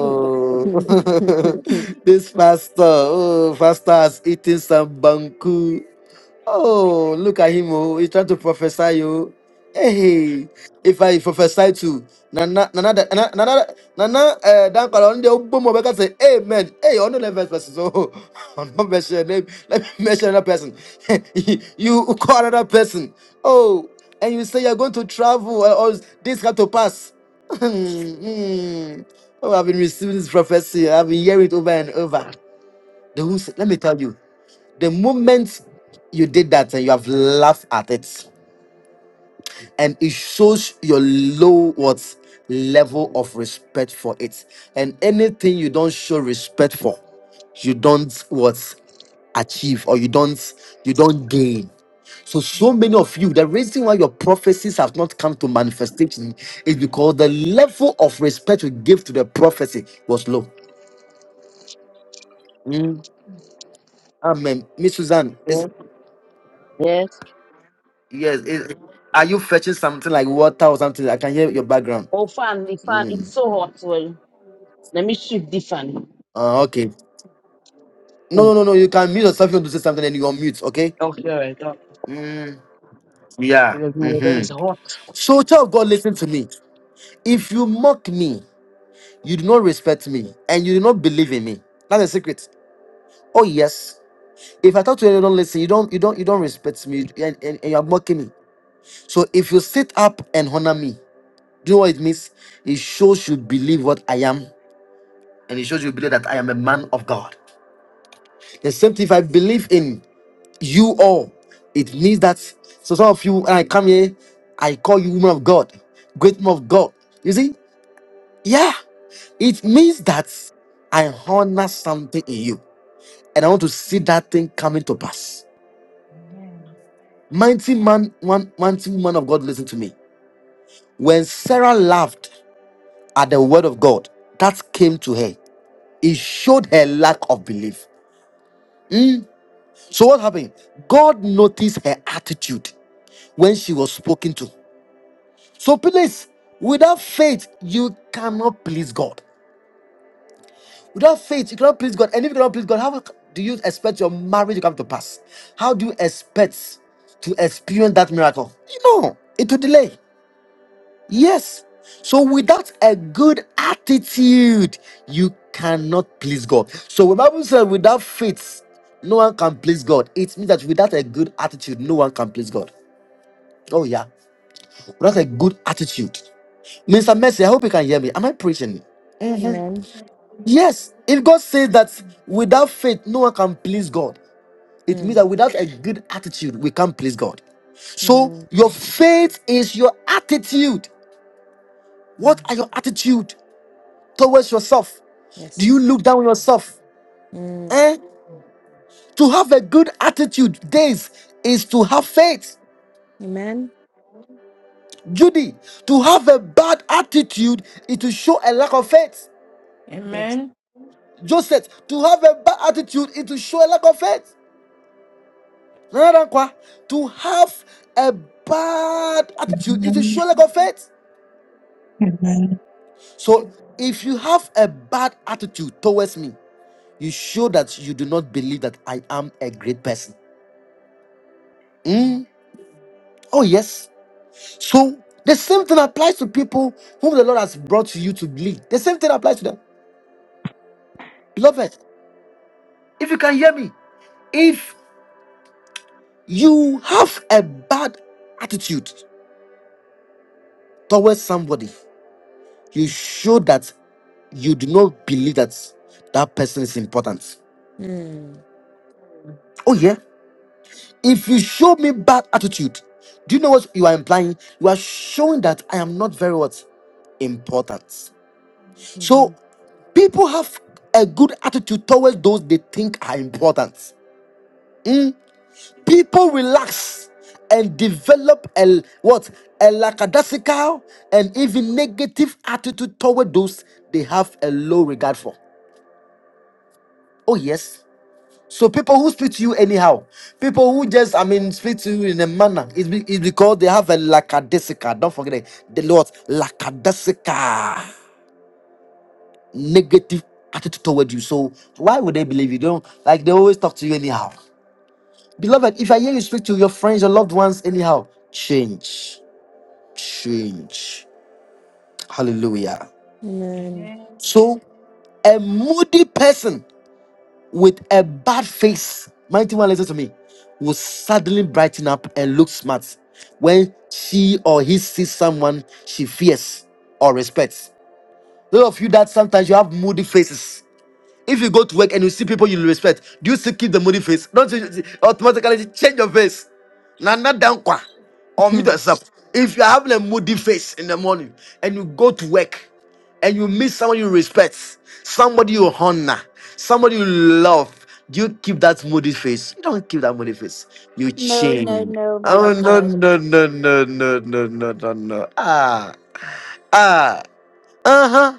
B: Mm.
E: praise.
A: this pastor, oh, pastor has eaten some banku. Oh, look at him. Oh, he's trying to prophesy. Oh, hey, if I prophesy to Nana, Nana, da- Nana, Nana, Nana, uh, Dan Kalon, the Obomo, we can say, Amen. Hey, on the first person. So, on not mention name, let me mention another person. you call another person. Oh, and you say you're going to travel, uh, or this got to pass. Hmm, hmm. Oh, I've been receiving this prophecy, I've been hearing it over and over. The who said, let me tell you. The moment you did that and you have laughed at it, and it shows your low what level of respect for it. And anything you don't show respect for, you don't what achieve or you don't you don't gain. So, so many of you, the reason why your prophecies have not come to manifestation is because the level of respect you give to the prophecy was low. Mm. Amen. Miss Suzanne,
F: yes, yes.
A: Yes. It, are you fetching something like water or something? I can hear your background.
F: Oh, fan, the fan,
A: Mm.
F: it's so hot. Well, let me shift the fan.
A: Uh, okay. No,
F: Oh,
A: no, no, no. You can mute yourself. if You want to say something, and you unmute. Okay.
F: Okay, all right. Oh,
A: Mm. Yeah.
F: because the weather is
A: Mm-hmm.
F: hot.
A: So, child of God, listen to me. If you mock me, you do not respect me, and you do not believe in me. That's the secret. Oh yes. If I talk to you, and you don't listen. You don't. You don't. You don't respect me, and, and, and you are mocking me. So, if you sit up and honor me, do you know what it means? It shows you believe what I am and it shows you believe that I am a man of God. The same thing, if I believe in you all, it means that so some of you when I come here, I call you woman of God, great woman of God. You see? Yeah. It means that I honor something in you. And I want to see that thing coming to pass.
E: Amen.
A: Mighty
E: Oh,
A: man, one mighty woman of God, listen to me. When Sarah laughed at the word of God that came to her, it showed her lack of belief. Hmm? So what happened? God noticed her attitude when she was spoken to. So please, without faith, you cannot please God. Without faith, you cannot please God. And if you cannot please God, how do you expect your marriage to come to pass? How do you expect to experience that miracle? You know, it will delay. Yes. So without a good attitude, you cannot please God. So when Bible says without faith, no one can please God. It means that without a good attitude, no one can please God. Oh yeah. Without a good attitude. Mr. Mercy, I hope you can hear me. Am I preaching? Mhm.
B: Amen.
E: yes, please, the
A: Yes. If
E: teacher.
A: God says that
E: Mm,
A: without faith, no one can please God, it means
B: Mm.
A: that without a good attitude, we can't please God. So
B: Mm.
A: your
E: mm,
A: faith is your attitude. What
E: mm,
A: are your attitude? towards yourself? Do you
B: Yes.
A: look down on
E: mm,
A: yourself?
B: Mm.
A: Eh?
E: mm,
A: To have a good attitude, days, is to have faith.
B: Amen.
A: Judy, to have a bad attitude is to show a lack of faith.
B: Yes.
D: Amen.
A: Joseph, to have a bad attitude is to show a lack of faith. Nana Dankwa, To have a bad attitude is to show lack of faith. So if you have a bad attitude towards me, you show that you do not believe that I am a great person.
E: mm.
A: Mm. Oh, yes. So the same thing applies to people whom the Lord has brought you to lead. The same thing applies to them. Beloved, if you can hear me, if you have a bad attitude towards somebody, you show that you do not believe that that person is important.
B: Mm.
A: Oh, yeah. If you show me bad attitude, do you know what you are implying? You are showing that I am not very what? Important.
B: Mm-hmm.
A: So people have a good attitude towards those they think are important. Mm. People relax and develop a what a lackadaisical and even negative attitude toward those they have a low regard for. Oh yes. So people who speak to you anyhow, people who just I mean speak to you in a manner, it's, be, it's because they have a lackadaisical. Don't forget it. The Lord lackadaisical. negative attitude toward you. So why would they believe you? Don't like they always talk to you anyhow. Beloved, if I hear you speak to your friends, your loved ones anyhow, change. Change. Hallelujah.
B: Amen.
E: Amen.
A: So a moody person with a bad face, mighty one, listen to me, will suddenly brighten up and look smart when she or he sees someone she fears or respects. Those of you that sometimes you have moody faces. If you go to work and you see people you respect, do you still keep the moody face? Don't you automatically change your face? Now, not
E: Sure.
A: down dankwa or meet yourself. If you are having a moody face in the morning and you go to work and you meet someone you respect, somebody you honor, somebody you love, do you keep that moody face? You don't keep that moody face. You
H: No, no,
A: change.
H: no, man
A: Oh
H: of
A: no
H: God.
A: no no no no no no no no. Ah ah uh huh.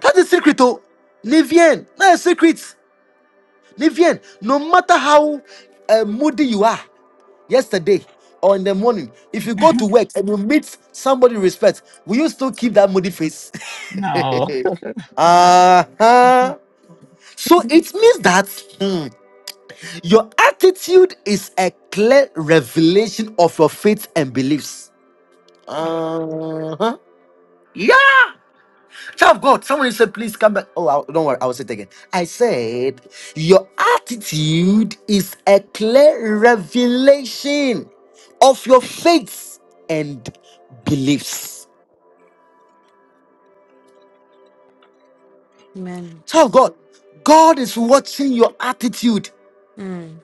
A: That's the secret, oh. Nivienne, that's the secret. Livian, no matter how uh, moody you are yesterday or in the morning, if you go to work and you meet somebody you respect, will you still keep that moody face?
I: No. No.
A: uh-huh. So it means that hmm, your attitude is a clear revelation of your faith and beliefs. Uh-huh. Yeah. Child of God, somebody said, please come back. Oh, I, don't worry, I will say it again. I said, your attitude is a clear revelation of your faith and beliefs.
B: Amen.
A: Child of God, God is watching your attitude.
B: Mm.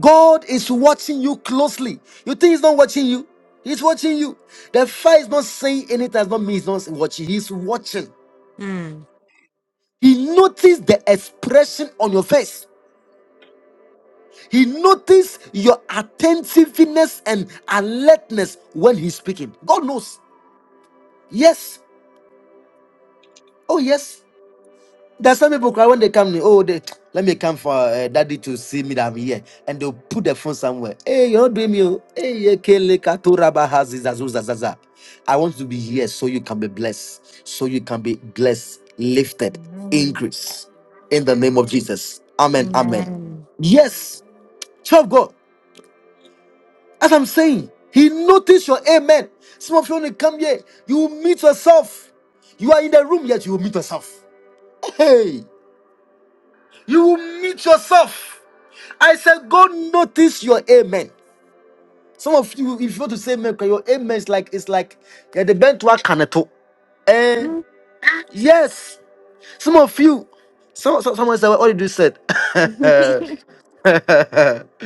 A: God is watching you closely. You think He's not watching you? He's watching you. The fire is not saying anything, does not mean He's not watching. He's watching.
B: Mm.
A: He noticed the expression on your face. He notices your attentiveness and alertness when he's speaking. God knows. Yes. Oh, yes. There's some people cry when they come. Oh, they, let me come for uh, daddy to see me that I'm here. And they'll put their phone somewhere. Hey, you're not doing me. oh. Hey, yeah, kele kato raba hazi zazu zazaza. I want to be here so you can be blessed. So you can be blessed, lifted,
E: Amen.
A: increase in the name of
E: Amen.
A: Jesus. Amen. Amen.
E: Amen.
B: Amen.
A: Yes. Child of God. As I'm saying, he noticed your amen. Some of you when you come here, you will meet yourself. You are in the room, yet you will meet yourself. Hey, you will meet yourself. I said, God notice your amen. Some of you, if you want to say amen, 'cause your amen is like it's like yeah, the bent work can it all. Eh,
B: Mm.
A: yes. Some of you, some, some someone said, what did you said?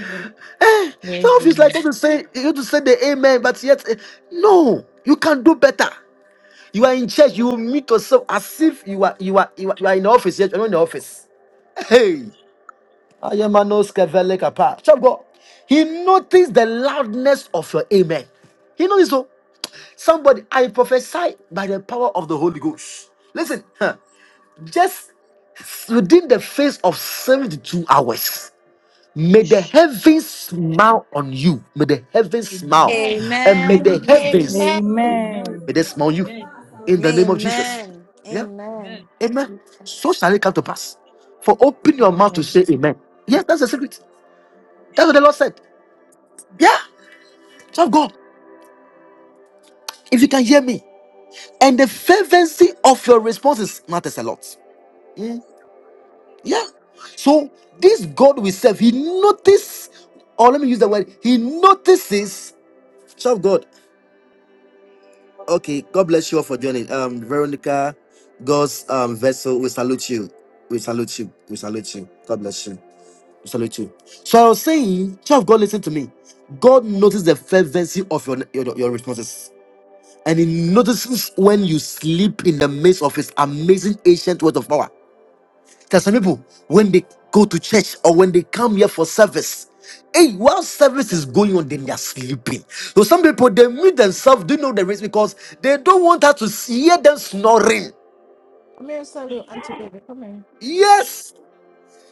A: Eh,
B: Praise
A: some of you is like
B: be.
A: you want to say you want to say the amen, but yet eh, no, you can do better. You are in church, you will meet yourself as if you are you are you are, you are in the office, yet you're not in the office. Hey, I am no scavelek apart. Child of God. He noticed the loudness of your amen. He noticed so. Somebody, I prophesy by the power of the Holy Ghost. Listen, huh,
E: Jesus.
A: just within the face of 72 hours.
E: We
A: May the
E: shall-
A: heavens smile on you. May the heavens smile.
E: Amen.
A: And may
B: Amen.
A: the
E: Amen.
A: heavens
E: Amen.
J: Amen.
A: may they smile on you
E: Amen.
A: in the name of Jesus.
B: Amen.
E: Amen.
A: Yeah.
B: Amen.
A: Amen. So shall it come to pass. For open your mouth
E: Jesus.
A: to say amen. Yes, that's the secret.
E: We
A: That's what the
E: shall-
A: Lord said.
E: Thank
A: Yeah,
E: you, Jesus.
A: child of God, if you can hear me, and the fervency of your responses matters a lot. Mm, Yeah. So this God we serve, He notices, or let me use the word, He notices. Child of God. Okay, God bless you all for joining. Um, Veronica, God's um vessel, we salute you. We salute you. We salute you. God bless you. Salute you. So I was saying, child of God, listen to me. God notices the fervency of your, your, your responses. And he notices when you sleep in the midst of his amazing ancient word of power. There are some people, when they go to church or when they come here for service, hey, while service is going on, then they are sleeping. So some people, they mute themselves, do you know the reason? Because they don't want us to hear them snoring. Yes,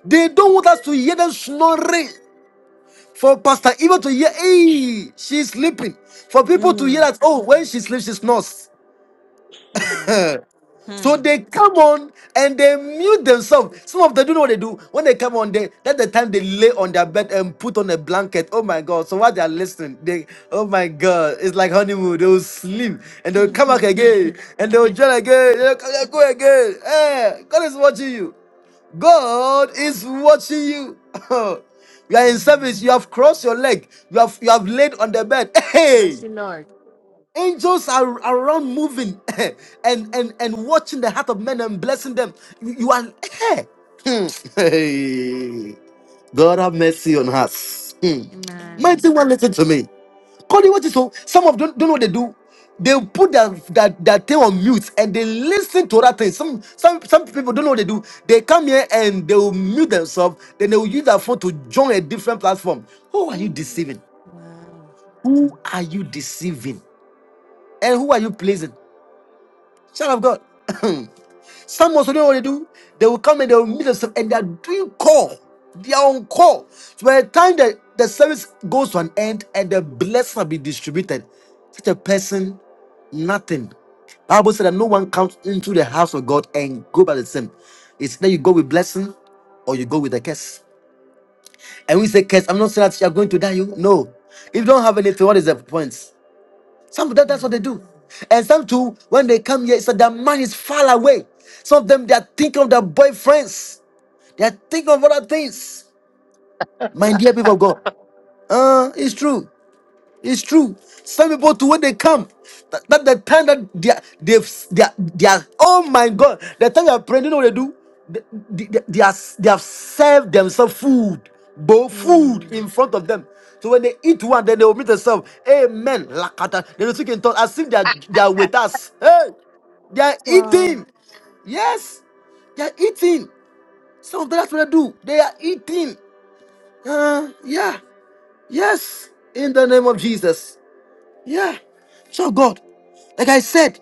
A: they don't want us to hear them snoring. For Pastor Eva to hear, hey, she's sleeping. For people to hear
B: Mm.
A: that, oh, when she sleeps, she snores.
B: Mm.
A: So
B: Mm.
A: they come on and they mute themselves. Some of them do you know what they do when they come on. They that's the time they lay on their bed and put on a blanket. Oh my god! So while they are listening, they oh my god, it's like honeymoon. They will sleep and they'll come back again
B: Mm.
A: and they'll join again. They'll come- they'll go again. Hey, God is watching you. God is watching you. you are in service. You have crossed your leg. You have you have laid on the bed. Hey.
B: Mercy, Lord.
A: Angels are around moving and, and, and watching the heart of men and blessing them. You, you are here. Hey. God have mercy on us. Hmm. Mighty
B: Amen.
A: one, listen to me. Cody, what is so? Some of them don't know what they do. They put their, their, their thing on mute and they listen to that thing. Some some some people don't know what they do. They come here and they will mute themselves, then they will use their phone to join a different platform. Who are you deceiving?
B: Wow.
A: Who are you deceiving? And who are you pleasing? Son of God. Some also know what they do. They will come and they will meet themselves and they are doing call. They are on call. So by the time the, the service goes to an end and the blessings will be distributed, such a person, nothing. Bible said that no one comes into the house of God and go by the same. It's either you go with blessing or you go with a curse. And we say curse, I'm not saying that you're going to die. You no. If you don't have anything, what is the point? Some that, that's what they do. And some too, when they come here, it's that their mind is far away. Some of them they are thinking of their boyfriends. They are thinking of other things. My dear people of God. Uh, it's true. It's true. Some people to when they come, that, that the time that they are, they've they are, they are oh my god, the time they are praying, you know what they do? They, they, they, they are, they have served themselves food, both food in
B: Mm.
A: front of them. So when they eat one, then they will meet themselves. Amen. Lakata. They will speak in tongues as if they are, they are with us. Hey, they are
B: Wow.
A: eating. Yes, they are eating. Some of them, that's what they do. They are eating. Uh, yeah. Yes. In the name of Jesus. Yeah. So God, like I said,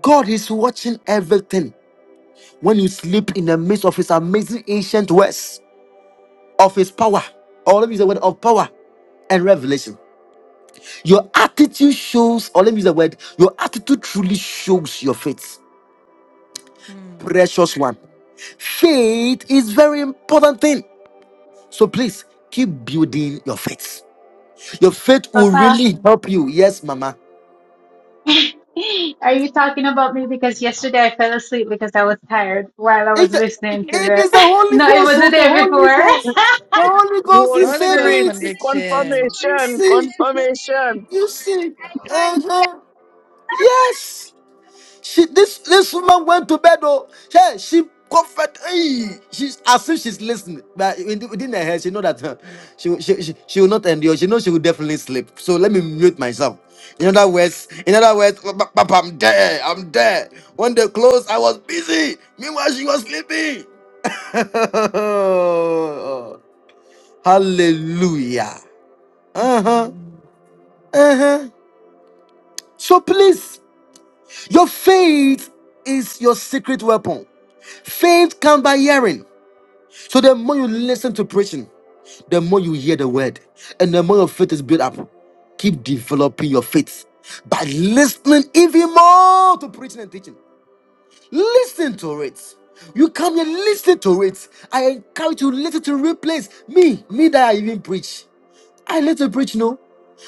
A: God is watching everything when you sleep in the midst of his amazing ancient words of his power. Or let me use the word of power and revelation. Your attitude shows, or let me use the word, your attitude truly shows your faith.
B: Mm.
A: Precious one. Faith is very important thing. So please keep building your faith. Your faith will
G: Papa,
A: really help you. Yes, mama.
G: are you talking about me? Because yesterday I fell asleep because I was tired while I was
A: It,
G: listening to
A: it
G: the.
A: is the Holy
G: No, it
A: Ghost,
G: was the
A: so the
G: day
A: Holy
G: before.
A: Ghost. The Holy
F: It's the
A: Ghost
F: Holy
A: is
B: Holy
A: saying
B: Ghost
F: Spirit,
A: it.
F: it's
B: conviction.
A: You
F: confirmation,
A: see,
F: confirmation.
A: you see. Uh-huh. Yes. She this this woman went to bed. Oh, hey, she comfort. Hey, she's as if she's listening, but in- within her head, she know that uh, she, she she she will not endure. She knows she will definitely sleep. So let me mute myself. In other words, in other words, "Ba- ba- ba- I'm there. I'm there. When they closed, I was busy. Meanwhile, she was sleeping. Hallelujah. Uh huh.
B: Hmm.
A: Uh huh. So please, your faith is your secret weapon. Faith comes by hearing. So the more you listen to preaching, the more you hear the word, and the more your faith is built up. Keep developing your faith by listening even more to preaching and teaching. Listen to it. You come here, listen to it. I encourage you, listen to replace me, me that I even preach. I listen to preaching. No,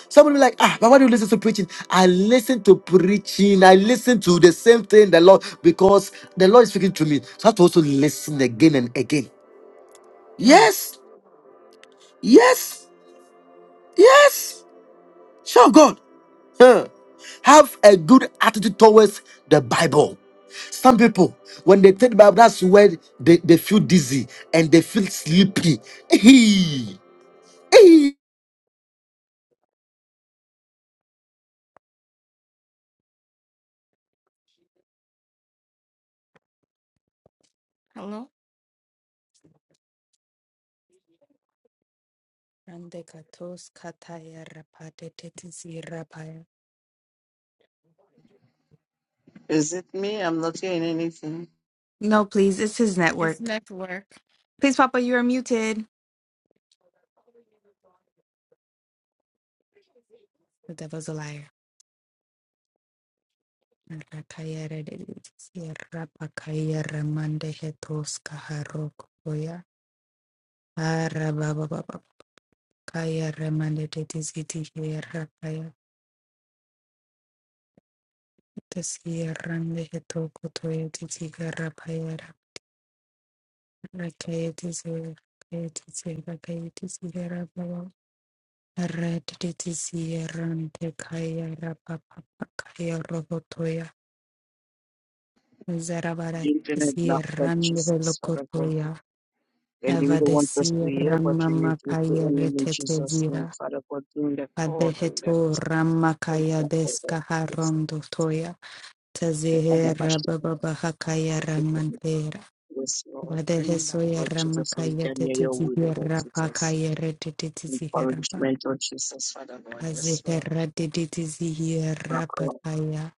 A: someone be like, ah, but why do you listen to preaching? I listen to preaching. I listen to the same thing the Lord because the Lord is speaking to me. So I have to also listen again and again.
B: Mm.
A: Yes, yes, yes. Sure, God. Huh. Have a good attitude towards the Bible. Some people, when they take the Bible, that's where they, they feel dizzy and they feel sleepy. Hey, hey.
D: Hello?
B: Ande katos kataya rapate tetisi rapaya.
F: Is it me? I'm not hearing anything.
B: No, please. It's his network. Please, Papa, you are muted. The devil's a liar. Red Zarabara
F: The internet not but
B: Sierran de
F: Jesus, Father God.
B: Locotoya,
F: Enemy
B: Eva
F: don't
B: de
F: want us to hear,
B: Sierra
F: but we rebuke the
B: Mamakaya
F: enemy in Jesus' name.
B: Retetezira,
F: Father God, bring that power, bring that.
B: Adeheto Ramakaya Descaharondo Toya,
F: Father
B: Tazehera
F: God,
B: Baba Hakaya Ramantera,
F: Yes, Lord. Mm,
B: Vadehesoya
F: Lord Jesus, so we
B: Ramakaya
F: can hear your word, O Lord
B: Tetizira
F: Jesus.
B: Pakaya Retetizira
F: Encouragement, Lord Jesus, Father God. Yes, Lord.
B: Kazehera
F: Our
B: Didizira
F: God.
B: Pakaya.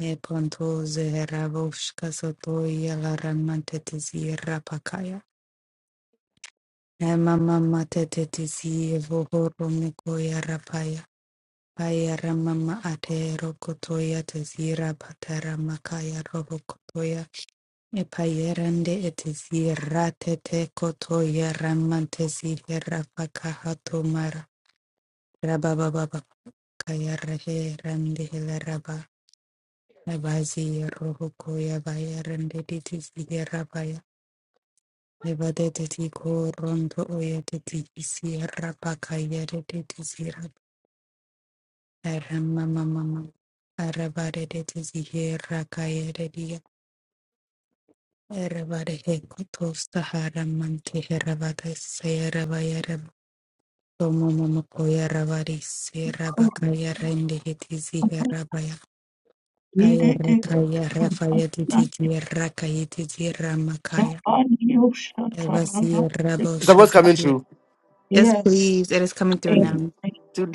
B: Eponto Zehera Voshka Sotoya la Laramantetizira Pakaya. Mama mama tete tisi vohoro miko ya rapaya. Paya ramama atero kotoya tezira patara makaya robo kotoya. Epayerande etisi ratete kotoya ramantesi herafaka hatomara. Rabababa kaya rahe rande helaraba. Nabazi roho koya baya rande ditisi Nebadeteti korondo oyeteti isira pakayereti zira erema mama mama arabaredeti zihera kayereti erabare hekotosta haramanti herabate seyarabayare tomo mama koyarabari serabakayarende heti ziherabaya kayere kayere fayeteti zira kayeti zira makaya Eva zira
A: Is that what's coming true?
B: Yes,
C: Yes.
B: please. It is coming
C: eh,
B: through now.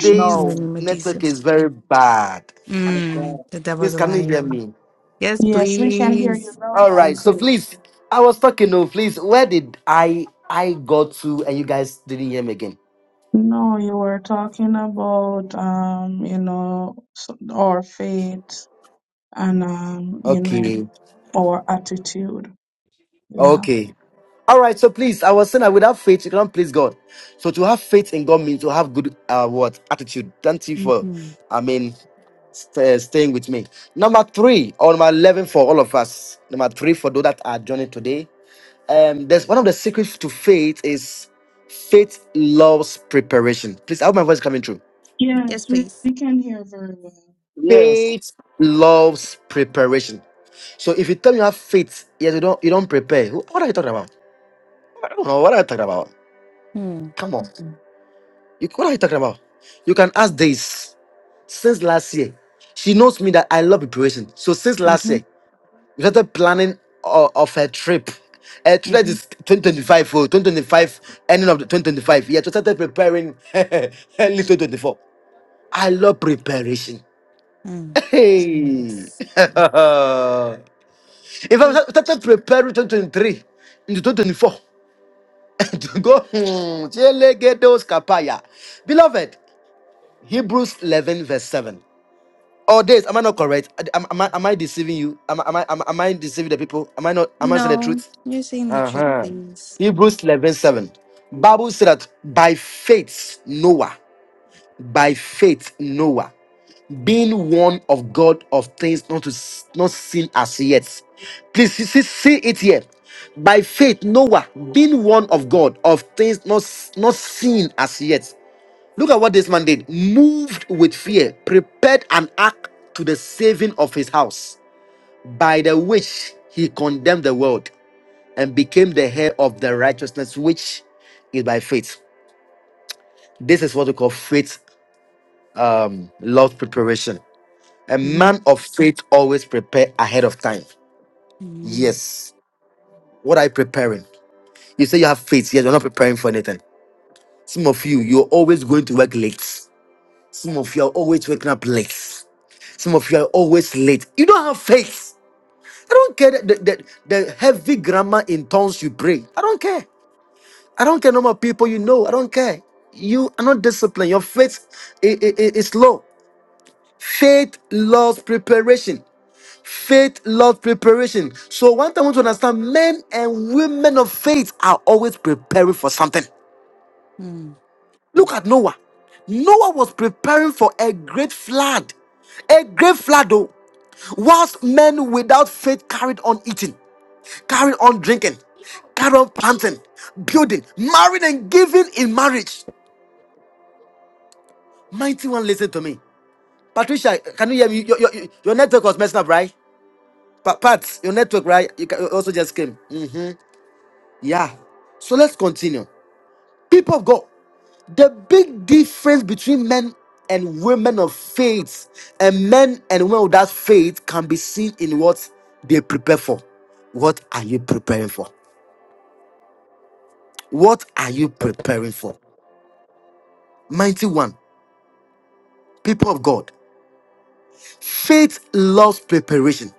C: Jesus.
B: In the name of
A: network is
B: Jesus.
A: very bad.
F: my
B: Mm,
F: God.
B: the
A: Please,
B: devil's a
A: can you hear
B: liar.
A: me?
B: Yes,
C: Yes, we can hear you
B: please.
C: loud
A: All right.
C: and
A: So
C: clear.
A: please, I was talking. No, please. Where did I I got to, and you guys didn't hear me again?
C: No, you were talking about um, you know, s- our faith and um, you know,
A: Okay.
C: our attitude. Yeah.
A: Okay. All right. So please, I was saying that without faith, you cannot please God. So to have faith in God means to have good uh what attitude. Thank you for,
B: hmm
A: I mean, st- uh, staying with me. Number three, or number eleven for all of us. Number three for those that are joining today. um there's one of the secrets to faith is faith loves preparation please i hope my voice is coming through
C: Yes,
B: Yes,
C: we,
B: please.
C: we can hear very well.
F: Yes.
A: faith loves preparation so if you tell me you have faith yes you don't you don't prepare who- what are you talking about i don't know what are you talking about
B: Mm.
A: come on you, what are you talking about you can ask this since last year she knows me that i love preparation so since last
B: Mm-hmm.
A: year We started planning of, of a trip. A trip that
B: Mm-hmm.
A: is 2025, oh, 2025, ending of the 2025. Yeah, so started preparing early 2024. I love preparation.
B: Mm.
A: Hey. In
B: Yes.
A: fact,
B: It's
A: we
B: true.
A: started preparing 2023 into 2024 to go. hmm, Chelegedos kapaya. Beloved, Hebrews 11, verse 7. All days, am I not correct? Am, am I, am I deceiving you? Am, am, I, am, am I deceiving the people? Am I not? Am I saying the
B: No,
A: truth?
B: you're saying the truth, please.
A: Hebrews 11 7, Bible said that by faith, Noah, by faith, Noah, being warned of God of things not to s- not seen as yet. Please see, see see it here. By faith, Noah, being warned of God of things not, s- not seen as yet. Look at what this man did. Moved with fear, prepared an ark to the saving of his house, by the which he condemned the world and became the heir of the righteousness which is by faith. This is what we call faith um love preparation. A
B: Mm-hmm.
A: man of faith always prepare ahead of time.
B: Amen.
A: Yes. What are you preparing? You say you have faith, yes, you're not preparing for anything. Some of you, you're always going to work late. Some of you are always waking up late. Some of you are always late. You don't have faith. I don't care the, the, the heavy grammar in tongues you pray. I don't care. I don't care number of people you know. I don't care. You are not disciplined. Your faith i- i- i- is low. Faith loves preparation. Faith loves preparation. So one thing I want to understand: men and women of faith are always preparing for something.
B: Mm.
A: Look at Noah. Noah was preparing for a great flood. A great flood, though. Whilst men without faith carried on eating, carried on drinking, carried on planting, building, marrying, and giving in marriage. Mighty one, listen to me. Patricia, can you hear me? Your, your, your network was messing up, right? Pa- Pat, your network, right? You ca- you also just came. Mm, yeah. So let's continue. People of God, the big difference between men and women of faith and men and women without faith can be seen in what they prepare for. What are you preparing for? What are you preparing for? Mighty one, people of God, faith loves preparation.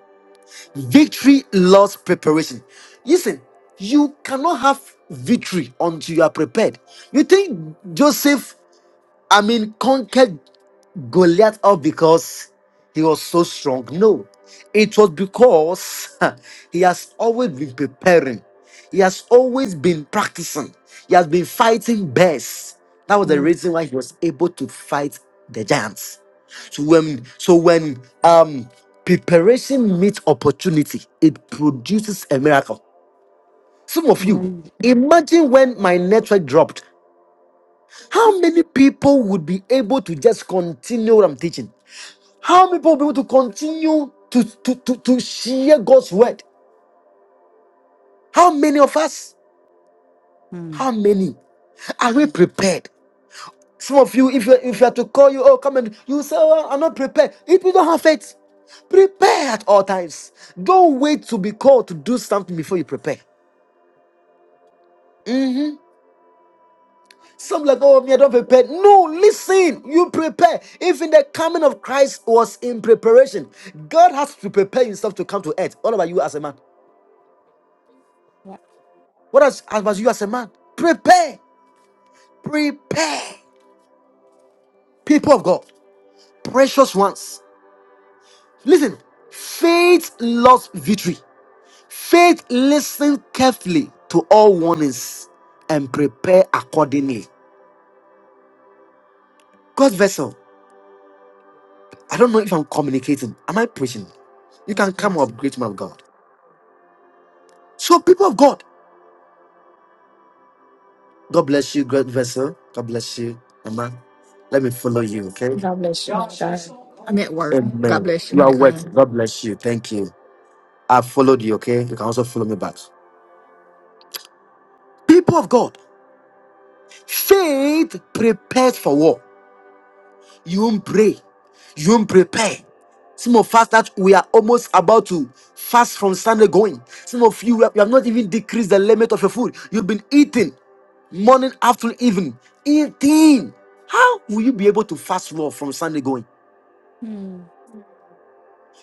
A: Victory loves preparation. Listen, you cannot have victory until you are prepared. You think Joseph, I mean, conquered Goliath up because he was so strong. No, it was because he has always been preparing, he has always been practicing, he has been fighting best. That was the
B: Mm.
A: reason why he was able to fight the giants. So when so when um preparation meets opportunity, it produces a miracle. Some of you
B: Amen.
A: imagine when my network dropped, how many people would be able to just continue what I'm teaching? How many people will be able to continue to, to, to, to share God's word? How many of us?
B: Mm.
A: How many? Are we prepared? Some of you, if you if you are to call you, oh come and you say, oh, I'm not prepared. If you don't have faith, prepare at all times. Don't wait to be called to do something before you prepare. Mhm. Some like, oh me, I don't prepare. No, listen, you prepare. Even the coming of Christ was in preparation. God has to prepare himself to come to earth. What about you as a man?
B: Yeah.
A: What as, as you as a man? Prepare, prepare, people of God, precious ones. Listen, faith loves victory. Faith listen carefully to all warnings and prepare accordingly. God's vessel. I don't know if I'm communicating. Am I preaching? You
B: Yes,
A: can come
B: please.
A: up, great man of God. So, people of God, God bless you, great vessel. God bless you, Amen. Let me follow you, okay?
K: God bless you, man of God. I'm at work. God
A: Amen.
K: bless you,
A: You
K: man
A: are
K: of God.
A: welcome. God bless you. Thank you. I have followed you, okay? You can also follow me back. People of God, faith prepares for war. You won't pray. You won't prepare. Some of us that we are almost about to fast from Sunday going. Some of you, you have you have not even decreased the limit of your food. You've been eating morning, afternoon, evening. Eating. How will you be able to fast war from Sunday going?
B: Mm.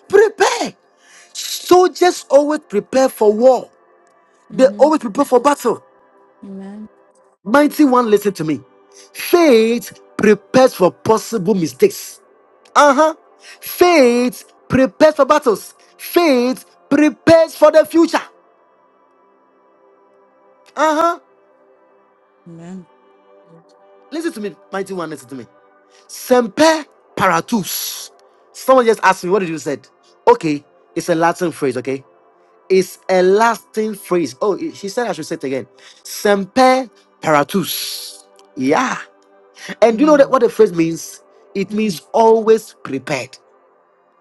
A: Prepare. Soldiers always prepare for war. They
B: Mm-hmm.
A: always prepare for battle.
B: Amen.
A: Mighty one, listen to me. Faith prepares for possible mistakes. Uh huh. Faith prepares for battles. Faith prepares for the future. Uh huh.
B: Amen.
A: Listen to me, mighty one, listen to me. Semper paratus. Someone just asked me, what did you said? Okay, it's a Latin phrase, okay? It's a Latin phrase. Oh, she said I should say it again. Semper paratus. Yeah. And do you know that
B: Mm.
A: what the phrase means? It
B: Mm-mm.
A: means always prepared.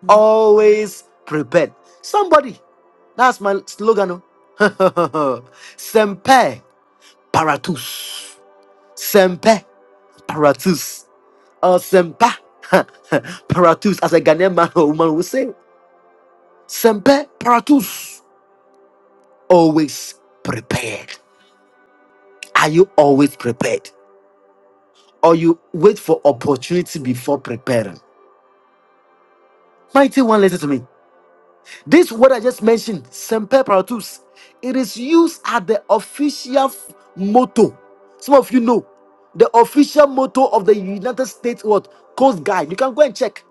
B: Mm.
A: Always prepared. Somebody, that's my slogan. oh. Semper paratus. Semper paratus. Or semper paratus, as a Ghanaian man or woman will say. Semper paratus. Always prepared. Are you always prepared? Or you wait for opportunity before preparing? Mighty one, listen to me. This what I just mentioned, semper paratus, it is used as the official f- motto. Some of you know the official motto of the United States what Coast Guard. You can go and check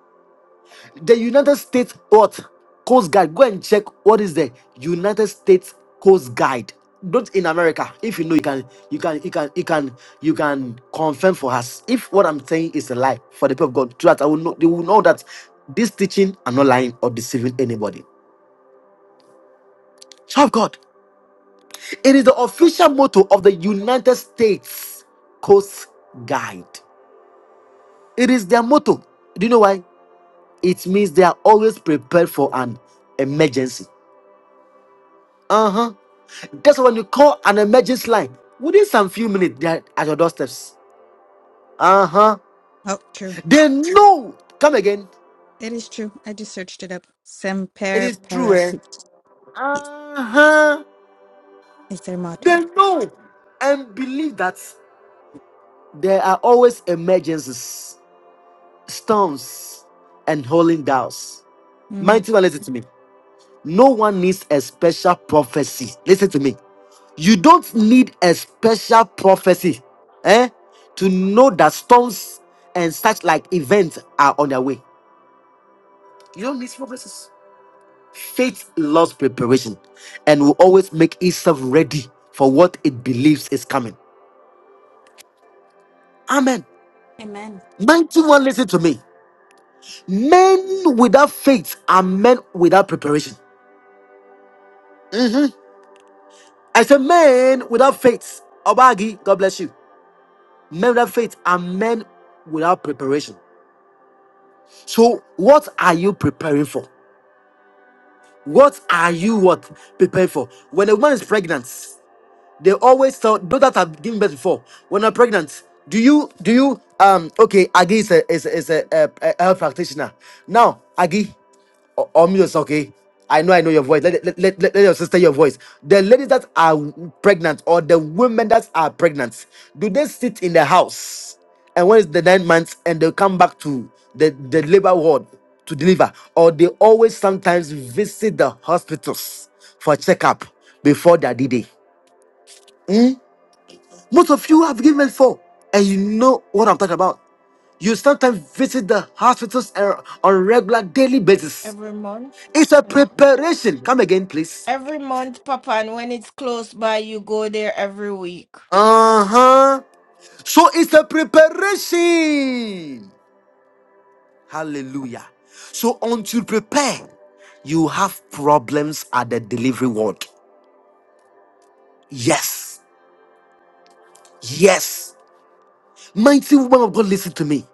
A: the United States what Coast Guard. Go and check what is the United States Coast Guard. Not in America. If you know, you can, you can, you can, you can, you can confirm for us. If what I'm saying is a lie for the people of God, so that I will know, they will know that this teaching are not lying or deceiving anybody. Child of God. It is the official motto of the United States Coast Guard. It is their motto. Do you know why? It means they are always prepared for an emergency. Uh huh. That's why when you call an emergency line. Within some few minutes, they are at your doorsteps. Uh huh.
B: Oh, true.
A: They know. Come again.
B: It is true. I just searched it up.
A: It
B: Semper
A: is true, eh?
B: paratus is
A: Uh huh.
B: is their
A: They
B: motto.
A: know and believe that there are always emergencies, storms, and holding doubts.
B: Mm.
A: Mighty one, listen to me. No one needs a special prophecy. Listen to me. You don't need a special prophecy eh, to know that storms and such like events are on their way. You don't need prophecies. Faith loves preparation and will always make itself ready for what it believes is coming. Amen.
B: Amen.
A: Mighty one, listen to me. Men without faith are men without preparation. Mhm. I said, men without faith. Obagi, God bless you. Men without faith are men without preparation. So, what are you preparing for? What are you what preparing for? When a woman is pregnant, they always tell those that have given birth before when I'm pregnant. Do you do you um okay? Agi is a is a, is a, a, a health practitioner. Now Agi, or, or me also, okay. I know I know your voice. Let, let, let, let let your sister your voice. The ladies that are pregnant or the women that are pregnant, do they sit in the house? And when it's the nine months and they come back to the, the labor ward to deliver, or they always sometimes visit the hospitals for checkup before their D-Day. Hmm? Most of you have given for, and you know what I'm talking about. You sometimes visit the hospitals uh, on a regular daily basis.
D: Every month.
A: It's a preparation. Come again, please.
D: Every month, Papa, and when it's close by, you go there every week.
A: Uh huh. So it's a preparation. Hallelujah. So until you prepare, you have problems at the delivery ward. Yes. Yes. Mighty woman of God, listen to me.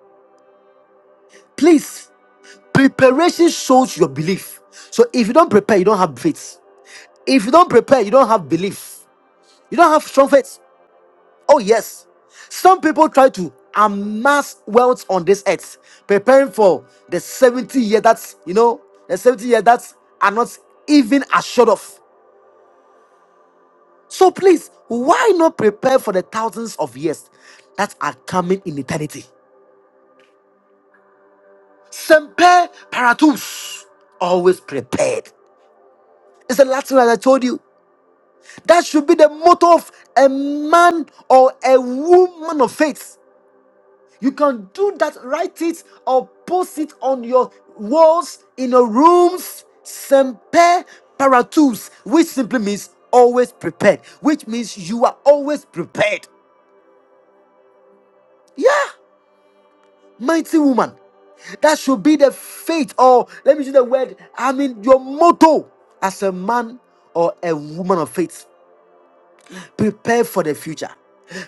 A: Please, preparation shows your belief. So if you don't prepare, you don't have faith. If you don't prepare, you don't have belief. You don't have strong faith. Oh, yes. Some people try to amass wealth on this earth, preparing for the 70 years that's, you know, the 70 years that are not even assured of. So please, why not prepare for the thousands of years that are coming in eternity? Semper paratus, always prepared. It's the Latin as I told you. That should be the motto of a man or a woman of faith. You can do that, write it or post it on your walls, in your rooms. Semper paratus, which simply means always prepared, which means you are always prepared. Yeah, mighty woman. That should be the faith, or let me use the word, I mean, your motto as a man or a woman of faith. Prepare for the future,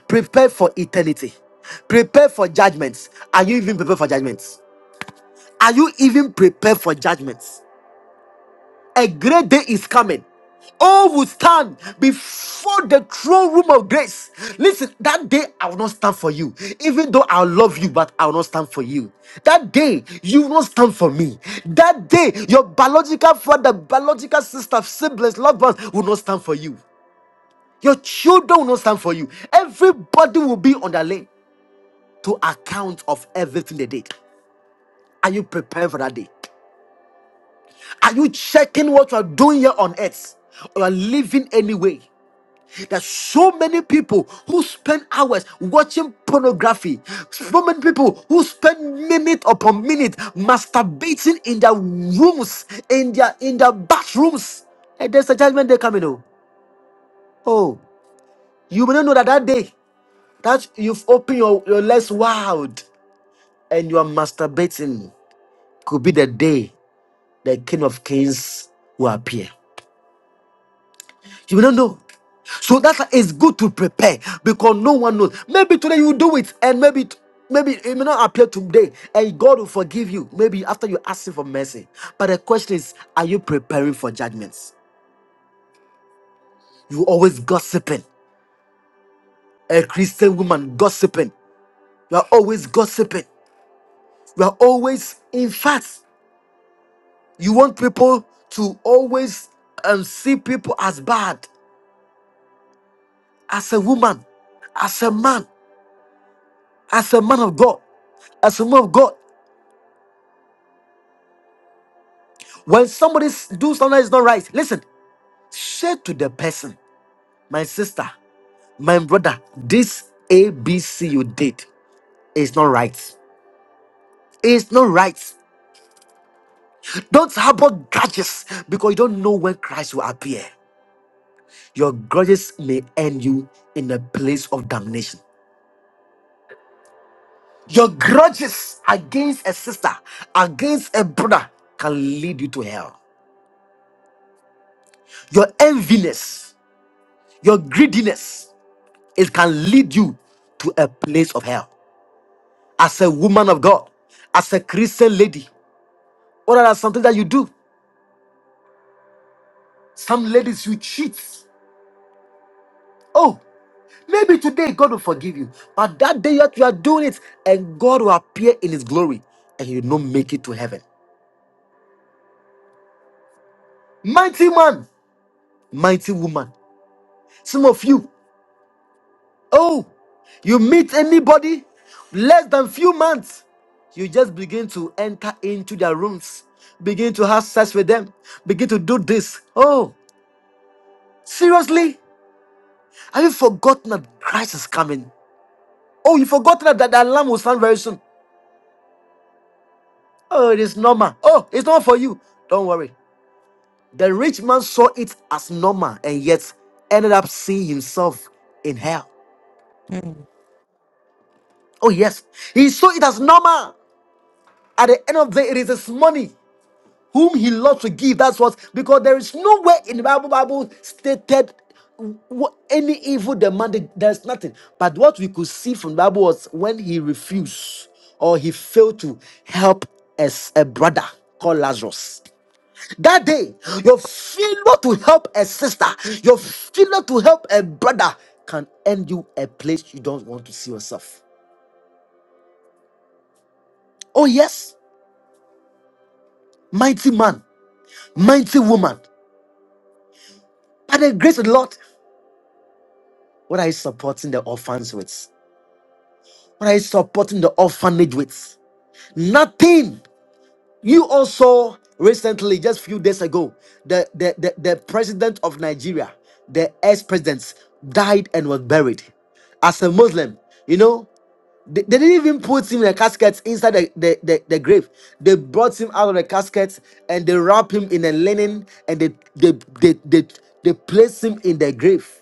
A: prepare for eternity, prepare for judgments. Are you even prepared for judgments? Are you even prepared for judgments? A great day is coming. All will stand before the throne room of grace. Listen, that day I will not stand for you. Even though I love you, but I will not stand for you. That day you will not stand for me. That day your biological father, biological sister, siblings, loved ones will not stand for you. Your children will not stand for you. Everybody will be on the lane to account of everything they did. Are you prepared for that day? Are you checking what you are doing here on earth? Or you are living anyway? There's so many people who spend hours watching pornography. So many people who spend minute upon minute masturbating in their rooms, in their in their bathrooms. And there's a judgment day coming. Oh, oh, you may not know that that day that you've opened your, your legs wide and you are masturbating could be the day the King of Kings will appear. You don't know. So that's why it's good to prepare because no one knows. Maybe today you do it, and maybe t- maybe it may not appear today, and God will forgive you. Maybe after you ask Him for mercy. But the question is, are you preparing for judgments? You always gossiping. A Christian woman gossiping. You are always gossiping. You are always, in fact, you want people to always um, see people as bad, as a woman, as a man, as a man of God as a woman of God. When somebody s- do something that is not right, listen, say to the person, my sister, my brother, this ABC you did is not right. It's not right. Don't harbor grudges because you don't know when Christ will appear. Your grudges may end you in a place of damnation. Your grudges against a sister, against a brother, can lead you to hell. Your enviness, your greediness, it can lead you to a place of hell. as a woman of God, as a Christian lady? What are something that you do? Some ladies you cheat. Oh, maybe today God will forgive you, but that day that you are doing it, and God will appear in His glory, and you will not make it to heaven. Mighty man, mighty woman. Some of you, oh, you meet anybody less than few months, you just begin to enter into their rooms, begin to have sex with them, begin to do this. Oh, seriously? Have you forgotten that Christ is coming? Oh, you forgotten that that the alarm will sound very soon. Oh, it is normal. Oh, it's not for you. Don't worry. The rich man saw it as normal and yet ended up seeing himself in hell.
B: Mm,
A: Oh, yes. He saw it as normal. At the end of the day, it is his money. whom he loves to give. That's what because there is nowhere in the Bible Bible stated wh- any evil demanded. There's nothing. But what we could see from the Bible was when he refused or he failed to help as a brother called Lazarus. That day, your failure to help a sister, your failure to help a brother can end you a place you don't want to see yourself. Oh, yes, mighty man, mighty woman. By the grace of the Lord, What are you supporting the orphans with? What are you supporting the orphanage with? Nothing. You also recently, just few days ago, the, the, the, the president of Nigeria, the ex-president, died and was buried. As a Muslim, you know, they, they didn't even put him in a casket inside the, the, the, the grave. They brought him out of the casket and they wrapped him in a linen and they they they, they, they placed him in the grave.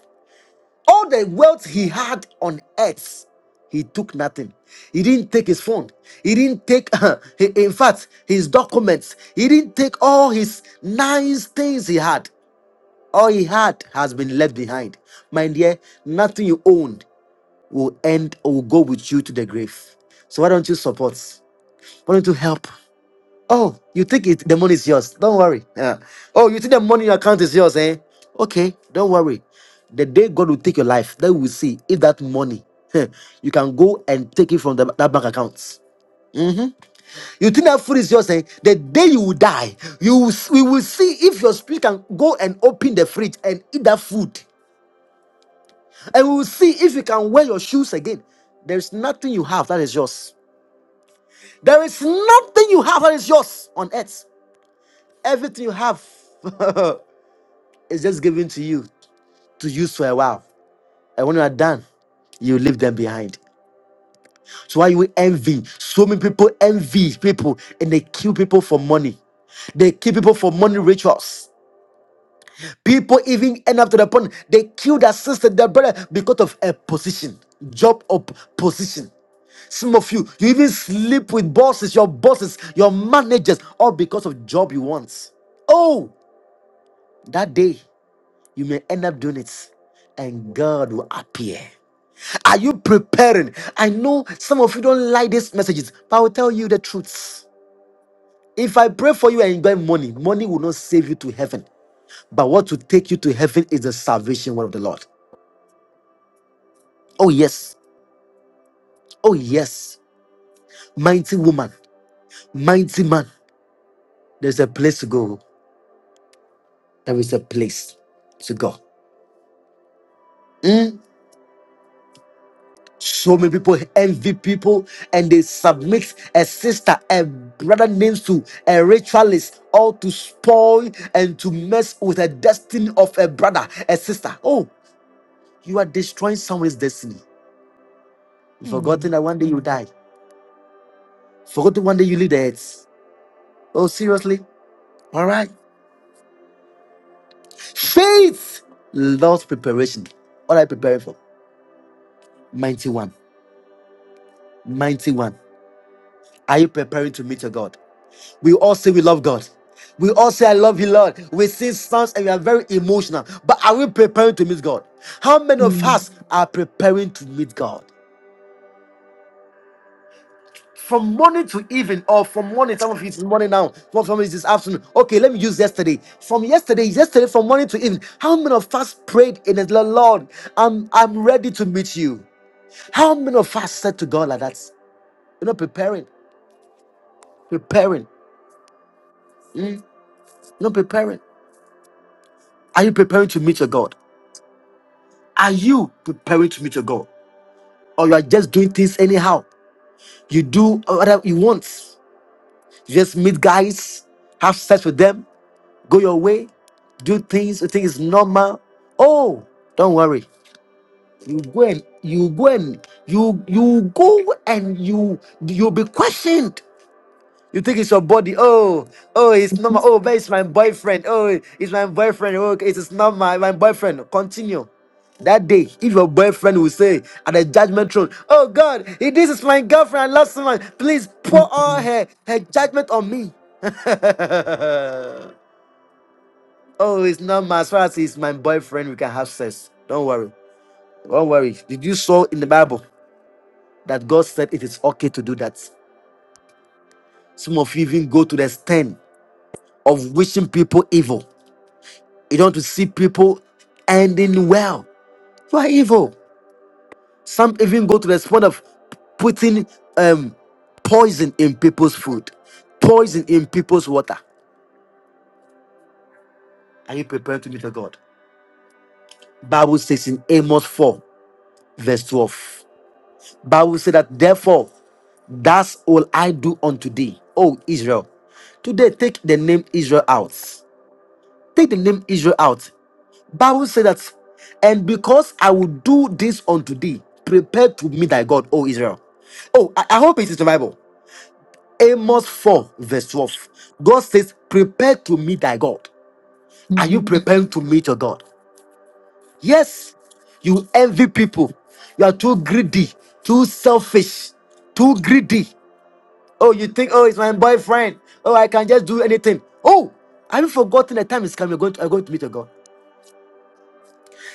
A: All the wealth he had on earth, he took nothing. He didn't take his phone. He didn't take, he- in fact, his documents. He didn't take all his nice things he had. All he had has been left behind. My dear, nothing you owned will end or will go with you to the grave. So why don't you support? Why don't you help? Oh, you think it, the money is yours? Don't worry. Yeah. Oh, you think the money in your account is yours, eh? Okay, don't worry. The day God will take your life, then we will see if that money heh, you can go and take it from the, that bank account. You think that food is yours, eh? The day you will die, you will, s- we will see if your spirit can go and open the fridge and eat that food, and we will see if you can wear your shoes again. There is nothing you have that is yours. There is nothing you have that is yours on earth. Everything you have It's just given to you to use for a while. And when you are done, you leave them behind. So why you envy? So many people envy people and they kill people for money. They kill people for money rituals. People even end up to the point they kill their sister, their brother because of a position, job or p- position. Some of you, you even sleep with bosses, your bosses, your managers, all because of job you want. Oh, that day you may end up doing it, and God will appear. Are you preparing? I know some of you don't like these messages, but I will tell you the truth. If I pray for you and you get money, money will not save you to heaven. But what will take you to heaven is the salvation word of the Lord. Oh, yes. Oh, yes. Mighty woman, mighty man. There's a place to go. There is a place to go. Hmm? So many people envy people and they submit a sister, a brother names to a ritualist, all to spoil and to mess with the destiny of a brother, a sister. Oh, you are destroying someone's destiny. You
B: mm,
A: forgotten that one day you die. Forgotten one day you leave the earth. Oh, seriously? All right. Faith loves preparation. What are you preparing for? 91, 91. Are you preparing to meet your God? We all say we love God. We all say, I love you, Lord. We sing songs and we are very emotional. But are we preparing to meet God? How many of
L: Um.
A: us are preparing to meet God? From morning to evening, or from morning, some of you it's morning now, some of you it's this afternoon. Okay, let me use yesterday. From yesterday, yesterday, from morning to evening, how many of us prayed in the Lord, I'm, I'm ready to meet you? How many of us said to God like that? You're not preparing, preparing, mm, you're not preparing. Are you preparing to meet your God? Are you preparing to meet your God? Or you are just doing things anyhow? You do whatever you want. You just meet guys, have sex with them, go your way, do things you think is normal. Oh, don't worry. You go and you go and you you go and you you'll be questioned. You think it's your body. Oh, oh, it's not my. Oh, but it's my boyfriend. Oh, it's my boyfriend. Oh, okay, it's not my my boyfriend. Continue. That day, if your boyfriend will say at the judgment throne, "Oh God, if this is my girlfriend. I love someone. Please pour all
L: Uh-huh.
A: her her judgment on me." oh, it's not my. As far as it's my boyfriend, we can have sex. Don't worry. Don't worry. Did you saw in the Bible that God said it is okay to do that? Some of you even go to the stand of wishing people evil. You don't want to see people ending well. You are evil. Some even go to the point of putting um, poison in people's food, poison in people's water. Are you preparing to meet a God? Bible says in Amos 4, verse 12. Bible says that therefore, that's all I do unto thee, O Israel. Today, take the name Israel out. Take the name Israel out. Bible says that, and because I will do this unto thee, prepare to meet thy God, O Israel. Oh, I, I hope it is the Bible. Amos 4, verse 12. God says, Prepare to meet thy God. Are you preparing to meet your God? Yes. You envy people. You are too greedy, too selfish, too greedy. Oh, you think, oh, it's my boyfriend. Oh, I can just do anything. Oh, have you forgotten the time is coming? You're going to, you're going to meet your God.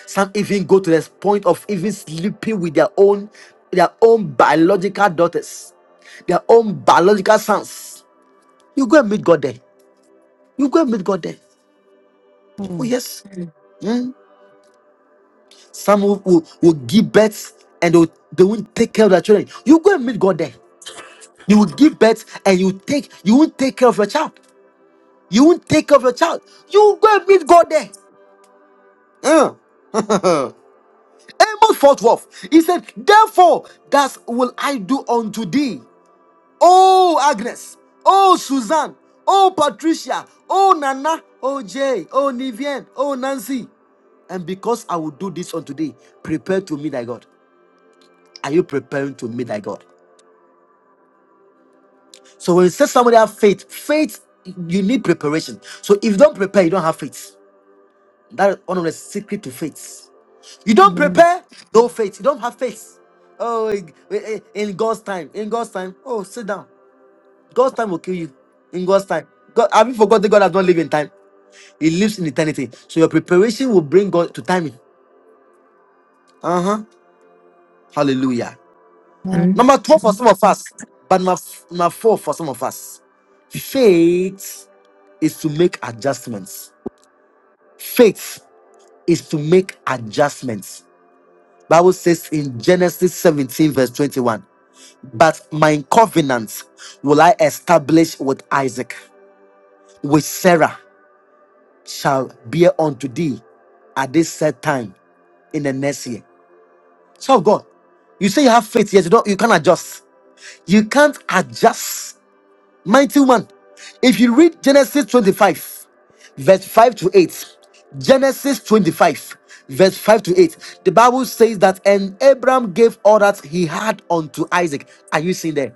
A: Some even go to the point of even sleeping with their own their own biological daughters, their own biological sons. You go and meet God there. You go and meet God there. Oh
B: mm,
A: yes. Hmm? Some will, will, will give birth and they, will, they won't take care of their children. You go and meet God there. You will give birth and you take you won't take care of your child. You won't take care of your child. You go and meet God there. Uh. Amos 4 12. He said, Therefore, thus will I do unto thee. Oh, Agnes. Oh, Suzanne. Oh, Patricia. Oh, Nana. Oh, Jay. Oh, Nivian. Oh, Nancy. And because I will do this on today, prepare to meet thy God. Are you preparing to meet thy God? So when you say somebody have faith, faith, you need preparation. So if you don't prepare, you don't have faith. That is one of the secret to faith. You don't
B: mm,
A: prepare, no faith. You don't have faith. Oh, in in- in God's time. In God's time. Oh, sit down. God's time will kill you in God's time. God, have you forgotten God does not live in time? He lives in eternity. So your preparation will bring God to timing. Uh huh. Hallelujah.
B: Amen.
A: Number two for some of us, but number, f- number four for some of us. Faith is to make adjustments. Faith is to make adjustments. Bible says in Genesis 17 verse 21, but my covenant will I establish with Isaac, with Sarah. shall bear unto thee at this set time in the next year. So God, you say you have faith, yes, you don't you can't adjust. You can't adjust. Mighty woman. If you read Genesis 25, verse 5 to 8, Genesis 25, verse 5 to 8, the Bible says that and Abram gave all that he had unto Isaac. Are you seeing there?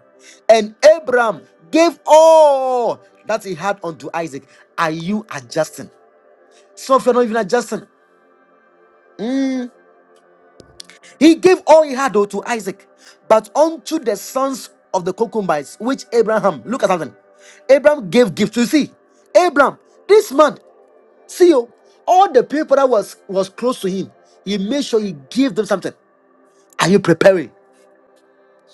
A: And Abram gave all that he had unto Isaac. Are you adjusting? Some of you are not even adjusting. He gave all he had though to Isaac, but unto the sons of the concubines, which Abraham, look at something. Abraham gave gifts. You see, Abraham, this man, see you, all the people that was was close to him, he made sure he gave them something. Are you preparing?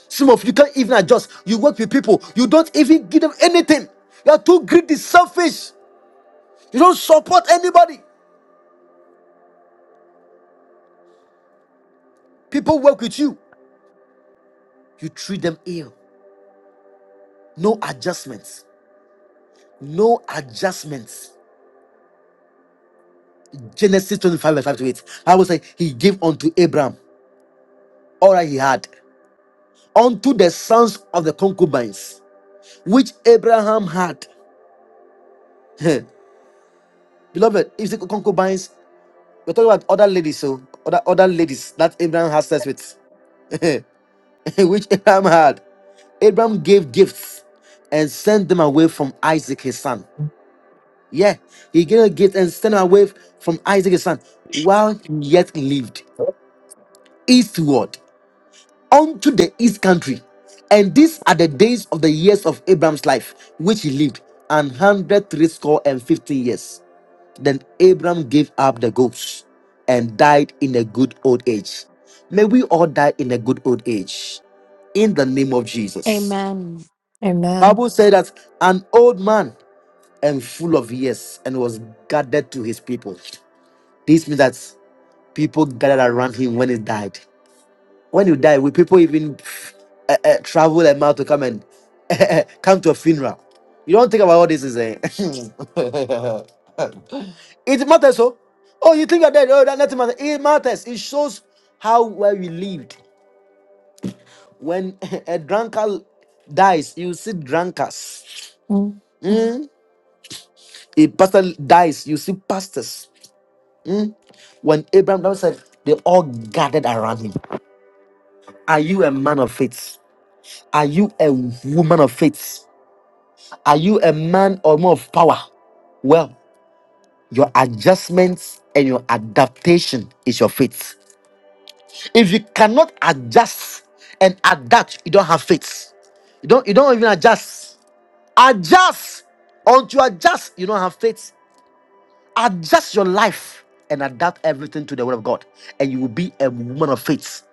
A: Some of you can't even adjust. You work with people, you don't even give them anything. You are too greedy, selfish. You don't support anybody. People work with you, you treat them ill. No adjustments. No adjustments Genesis 25, verse 5 to 8. I will say, He gave unto Abraham all that he had, unto the sons of the concubines, which Abraham had. Heh. Beloved, if you say concubines, we're talking about other ladies, so other, other ladies that Abraham has sex with, which Abraham had. Abraham gave gifts and sent them away from Isaac, his son. Yeah, he gave a gift and sent them away from Isaac, his son, while he yet lived eastward. unto the east country. And these are the days of the years of Abraham's life, which he lived, an hundred threescore and fifty years. Then Abraham gave up the ghost and died in a good old age. May we all die in a good old age in the name of Jesus.
B: Amen.
L: Amen.
A: Bible said that an old man and full of years and was gathered to his people. This means that people gathered around him when he died. When you die, will people even uh, uh, travel a mile to come and come to a funeral? You don't think about all this is it? it matters, so. Oh, you think you're dead? Oh, that nothing matters. It matters. It shows how well we lived. When a drunkard dies, you see drunkards.
L: Uh-huh.
A: A pastor dies, you see pastors. When Abraham Abraham said, they all gathered around him. Are you a man of faith? Are you a woman of faith? Are you a man or more of power? Well, your adjustments and your adaptation is your faith. If you cannot adjust and adapt, you don't have faith. You don't you don't even adjust. Adjust until you adjust, you don't have faith. Adjust your life and adapt everything to the word of God, and you will be a woman of faith.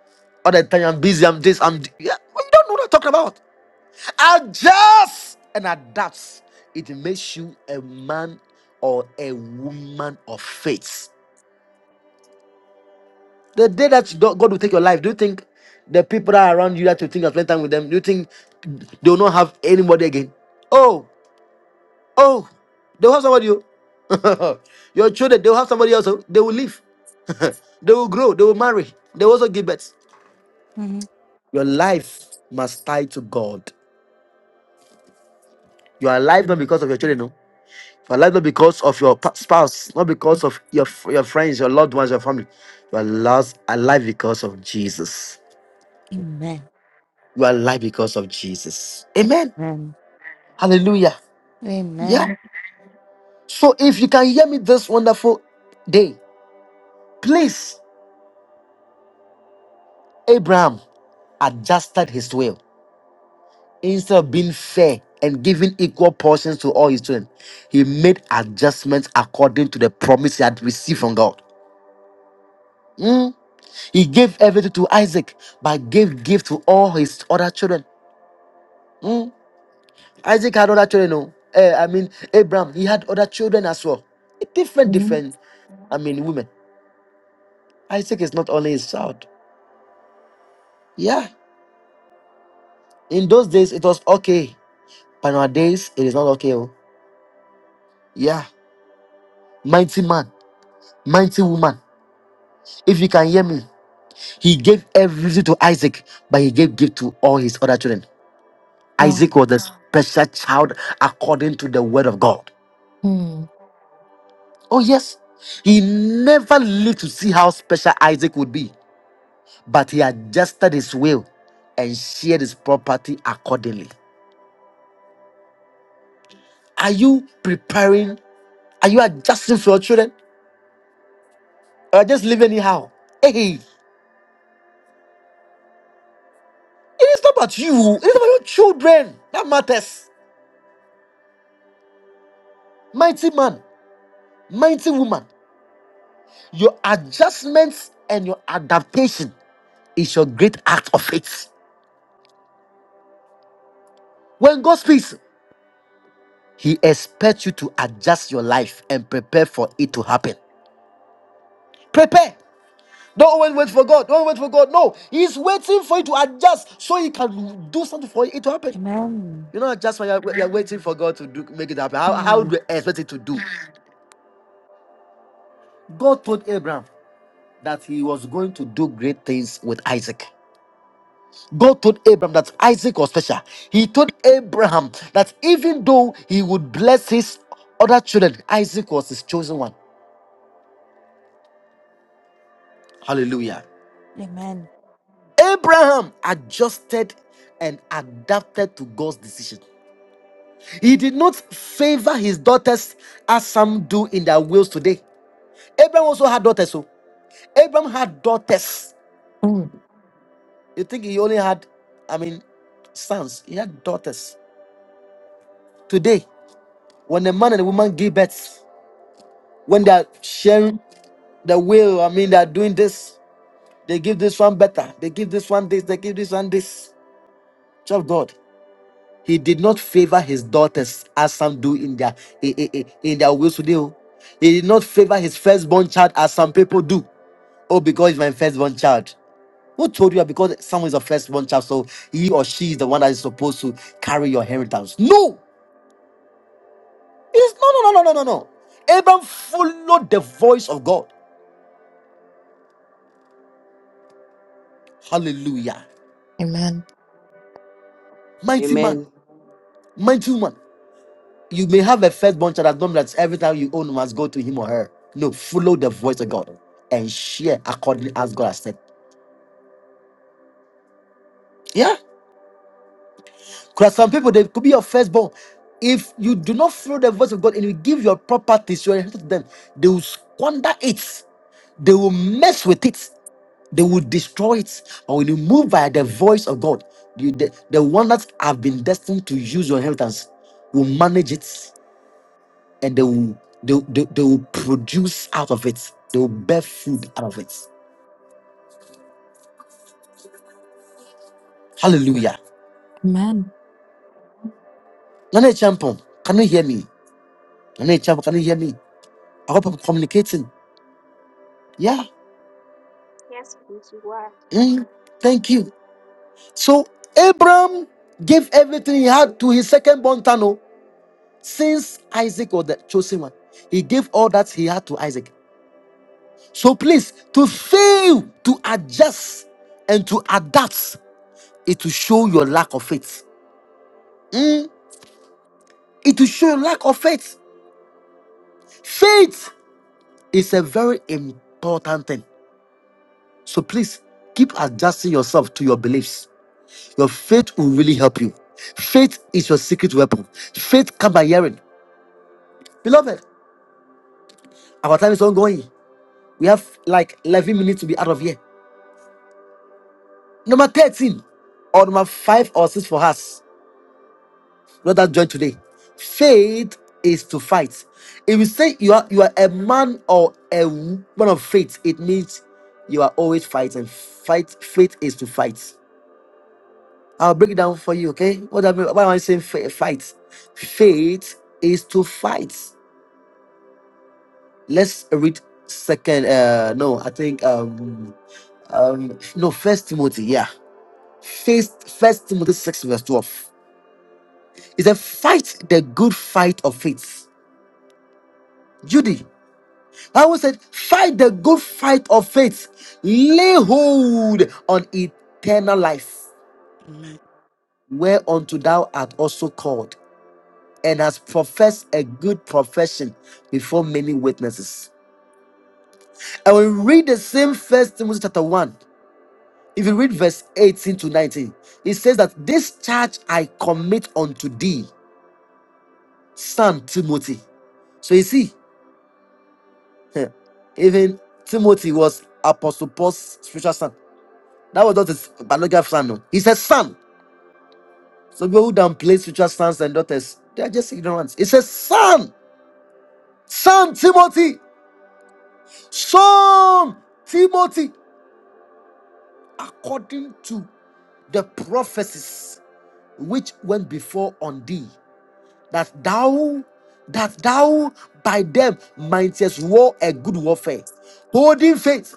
A: All the time I'm busy, I'm this, I'm yeah, you don't know what I'm talking about. adjust and adapts, it makes you a man or a woman of faith. The day that you don't- God will take your life, do you think the people that are around you that you think you spending time with them, do you think they will not have anybody again? Oh, oh, they'll have somebody. oh. your children, they'll have somebody else. oh. They will live. they will grow. They will marry. They will also give birth.
B: Mhm.
A: Your life must tie to God. You are alive not
B: Mm,
A: because of your children. no. You are loved not because of your pa- spouse, not because of your, f- your friends, your loved ones, your family. You are lost alive because of Jesus.
B: Amen.
A: You are alive because of Jesus. Amen. Hallelujah.
B: Amen. Amen.
A: Yeah. So if you can hear me this wonderful day, please, Abraham adjusted his will. Instead of being fair and giving equal portions to all his children, he made adjustments according to the promise he had received from God. Hmm? He gave everything to Isaac, but gave gift to all his other children. Hmm? Isaac had other children, no? Eh, I mean, Abraham, he had other children as well. Different, different, I mean, women. Isaac is not only his child. Yeah. In those days, it was okay. But nowadays, it is not okay. oh. Yeah. Mighty man, mighty woman. If you can hear me, he gave everything to Isaac, but he gave gift to all his other children.
L: Oh.
A: Isaac was the special child according to the word of God.
L: Um.
A: Oh, yes. He never lived to see how special Isaac would be, but he adjusted his will and shared his property accordingly. Are you preparing? Are you adjusting for your children? Or just live anyhow? Hey, it is not about you, it is about your children. That matters. Mighty man, mighty woman, your adjustments and your adaptation is your great act of faith. When God speaks, He expects you to adjust your life and prepare for it to happen. Prepare. Don't always wait for God. Don't wait for God. No, He's waiting for you to adjust so He can do something for it to happen.
B: Amen.
A: You know, just when you're, you're waiting for God to do, make it happen, how, how
B: Mm,
A: do you expect it to do? God told Abraham that He was going to do great things with Isaac. God told Abraham that Isaac was special. He told Abraham that even though he would bless his other children, Isaac was his chosen one. Hallelujah.
B: Amen.
A: Abraham adjusted and adapted to God's decision. He did not favor his daughters as some do in their wills today. Abraham also had daughters. So Abraham had daughters.
L: Um.
A: You think he only had, I mean, sons? He had daughters. Today, when a man and a woman give birth, when they are sharing the will, I mean, they are doing this. They give this one better. They give this one this. They give this one this. Child of God, he did not favor his daughters as some do in their in, in in their wills today. oh. He did not favor his firstborn child as some people do. Oh, because it's my firstborn child. Who told you that because someone is a firstborn child, so he or she is the one that is supposed to carry your inheritance? No, it is no, no, no, no, no, no, no. Abraham followed the voice of God. Hallelujah.
L: Amen.
A: Mighty man,
F: Amen.
A: mighty woman. You may have a firstborn child that don't mean that every time you own must go to him or her. No, follow the voice of God and share according as God has said. Yeah. Because some people, they could be your firstborn. If you do not follow the voice of God and you give your properties, your inheritance to them, they will squander it. They will mess with it. They will destroy it. But when you move by the voice of God, you, the, the one that have been destined to use your inheritance will manage it and they will, they, they, they will produce out of it. They will bear food out of it. Hallelujah.
L: Amen.
A: Nana Champon, can you hear me? Nana Champon, can you hear me? I hope I'm communicating. Yeah.
M: Yes, please, you are.
A: Mm, thank you. So Abraham gave everything he had to his second born son, oh, since Isaac was the chosen one. He gave all that he had to Isaac. So please, to fail to adjust and to adapt, it will show your lack of faith. Mm, it will show your lack of faith. Faith is a very important thing. So please keep adjusting yourself to your beliefs Your faith will really help you. Faith is your secret weapon. Faith come by hearing. Beloved, our time is ongoing. We have like 11 minutes to be out of here. Number 13 or number 5 or 6 for us. Let that join today. Faith is to fight. If you say you are you are a man or a woman of faith, it means you are always fighting. Fight faith is to fight. I'll break it down for you, okay? What do I mean, why am I saying fa- fight? Faith is to fight. Let's read second. Uh, no, I think um, um, no, First Timothy. Yeah, First First Timothy six verse twelve. It said, "Fight the good fight of faith." Judy, Bible said, "Fight the good fight of faith. Lay hold on eternal life, whereunto thou art also called." And has professed a good profession before many witnesses. And we read the same first Timothy chapter 1. If you read verse 18 to 19, it says that this charge I commit unto thee, son Timothy. So you see, eh, even Timothy was Apostle Paul's spiritual son. That was not his biological son. No. He says son. So people who downplay spiritual sons and daughters, they are just ignorant. It says son, son Timothy, son Timothy, according to the prophecies which went before on thee. that thou that thou by them mightest war a good warfare, holding faith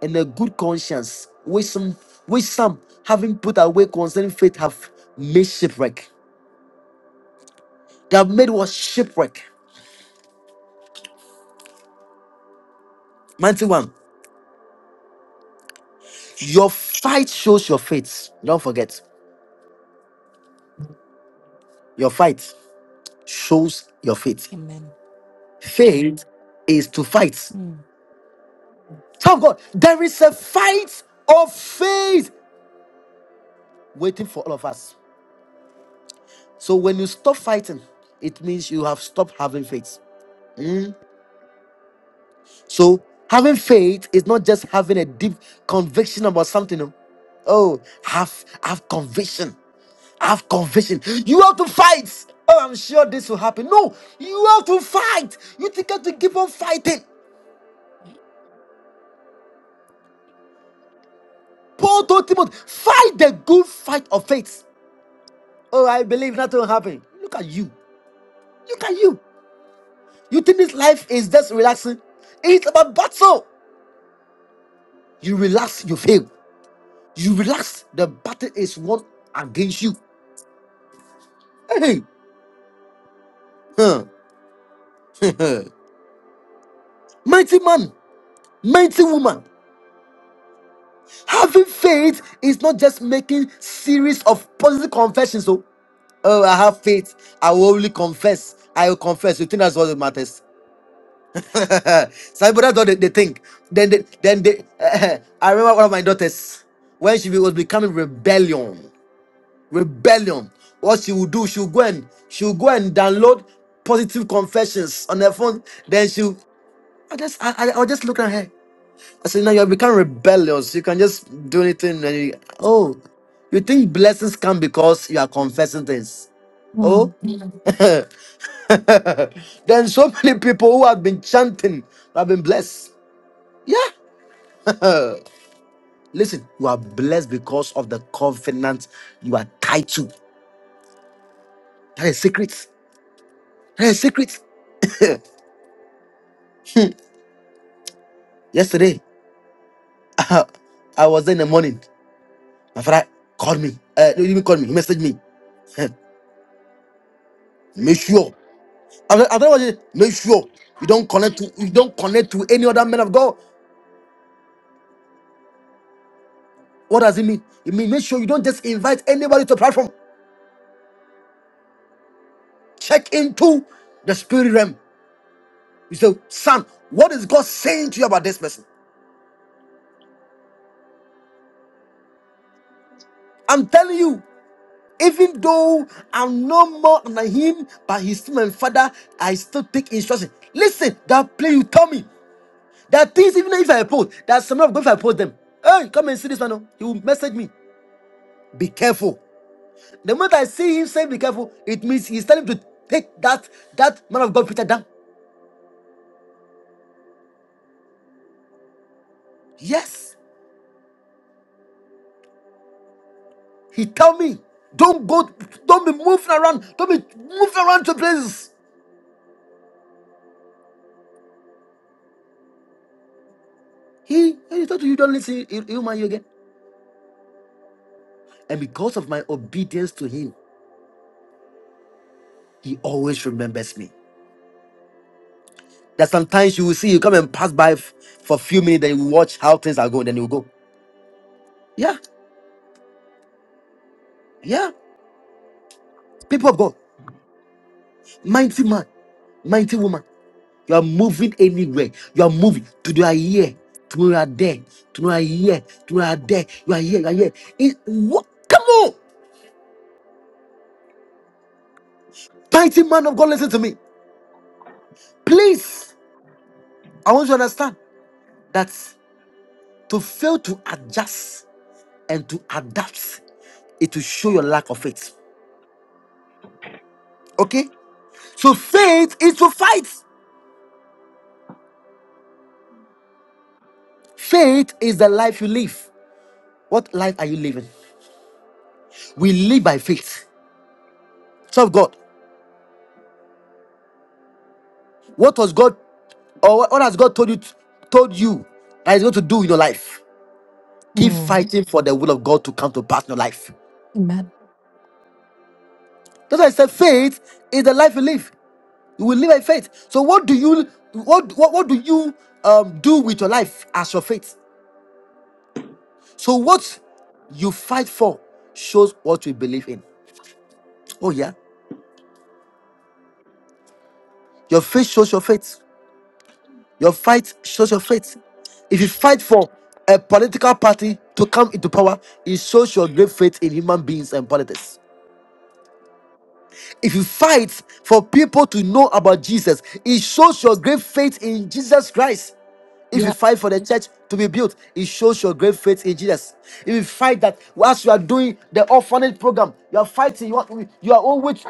A: and a good conscience, which some which some having put away concerning faith have made shipwreck. They have made what shipwreck. Mighty one, your fight shows your faith. Don't forget, your fight shows your faith.
B: Amen.
A: Faith is to fight.
B: Mm,
A: Tell God, there is a fight of faith waiting for all of us. So when you stop fighting, it means you have stopped having faith. So having faith is not just having a deep conviction about something. no. Oh, have have conviction. Have conviction. You have to fight. Oh, I'm sure this will happen. No, you have to fight. You think you have to keep on fighting. Paul told Timothy, fight the good fight of faith. Oh, I believe nothing will happen. Look at you. Look at you. You think this life is just relaxing? It's about battle. You relax, you fail. You relax, the battle is won against you. Hey, huh. mighty man, mighty woman. Having faith is not just making series of positive confessions. So, oh, I have faith. I will only confess. I will confess. You think that's what it matters? Some people that's what they, they think. Then they, then they. I remember one of my daughters when she was becoming rebellion. rebellion. What she will do, she'll go and she'll go and download positive confessions on her phone. Then she'll I just I, I, I'll just look at her. I said, now you have become rebellious. You can just do anything and you, oh you think blessings come because you are confessing things. Oh
L: Um.
A: then so many people who have been chanting have been blessed. Yeah. Listen, you are blessed because of the covenant you are tied to. That is secret. That is secret. Yesterday. I was there in the morning. My father called me. Uh, no, he didn't call me. He messaged me. make sure. I don't I don't want you- make sure you don't connect to you don't connect to any other man of God. What does it mean? It means make sure you don't just invite anybody to the platform. Check into the spirit realm. You say, son, what is God saying to you about this person? I'm telling you, even though I'm no more than him, but he's still my father, I still take instruction. Listen, that play you tell me. There are things, even if I post, there are some of God, if I post them, hey, come and see this man. oh." He will message me. Be careful. The moment I see him say be careful, it means he's telling me to take that that man of God picture down. Yes. He tell me, don't go, don't be moving around, don't be moving around to places. He, hey, he told you, you don't listen, he- he'll mind you again. And because of my obedience to him, he always remembers me. That sometimes you will see you come and pass by f- for a few minutes, then you watch how things are going, then you go. Yeah, yeah. People of God. Mighty man, mighty woman. You are moving anywhere. You are moving. Today you are here. Tomorrow you are there. Tomorrow you are here. Tomorrow you are there. You are here. You are here. It, what? Come on, mighty man of God, listen to me, please. I want you to understand that to fail to adjust and to adapt, it will show your lack of faith. Okay. So faith is to fight. Faith is the life you live. What life are you living? We live by faith. Serve God. What was God or what what has God told you told you that He's going to do in your life? Keep
L: Um.
A: fighting for the will of God to come to pass in your life.
L: Amen.
A: That's why I said faith is the life you live. You will live by faith. So what do you what what, what do you um, do with your life as your faith? So what you fight for shows what you believe in. Oh yeah, your faith shows your faith. Your fight shows your faith. If you fight for a political party to come into power, it shows your great faith in human beings and politics. If you fight for people to know about Jesus, it shows your great faith in Jesus Christ. If you
L: Yeah.
A: fight for the church to be built, it shows your great faith in Jesus. If you fight that whilst you are doing the orphanage program, you are fighting, you are, you are always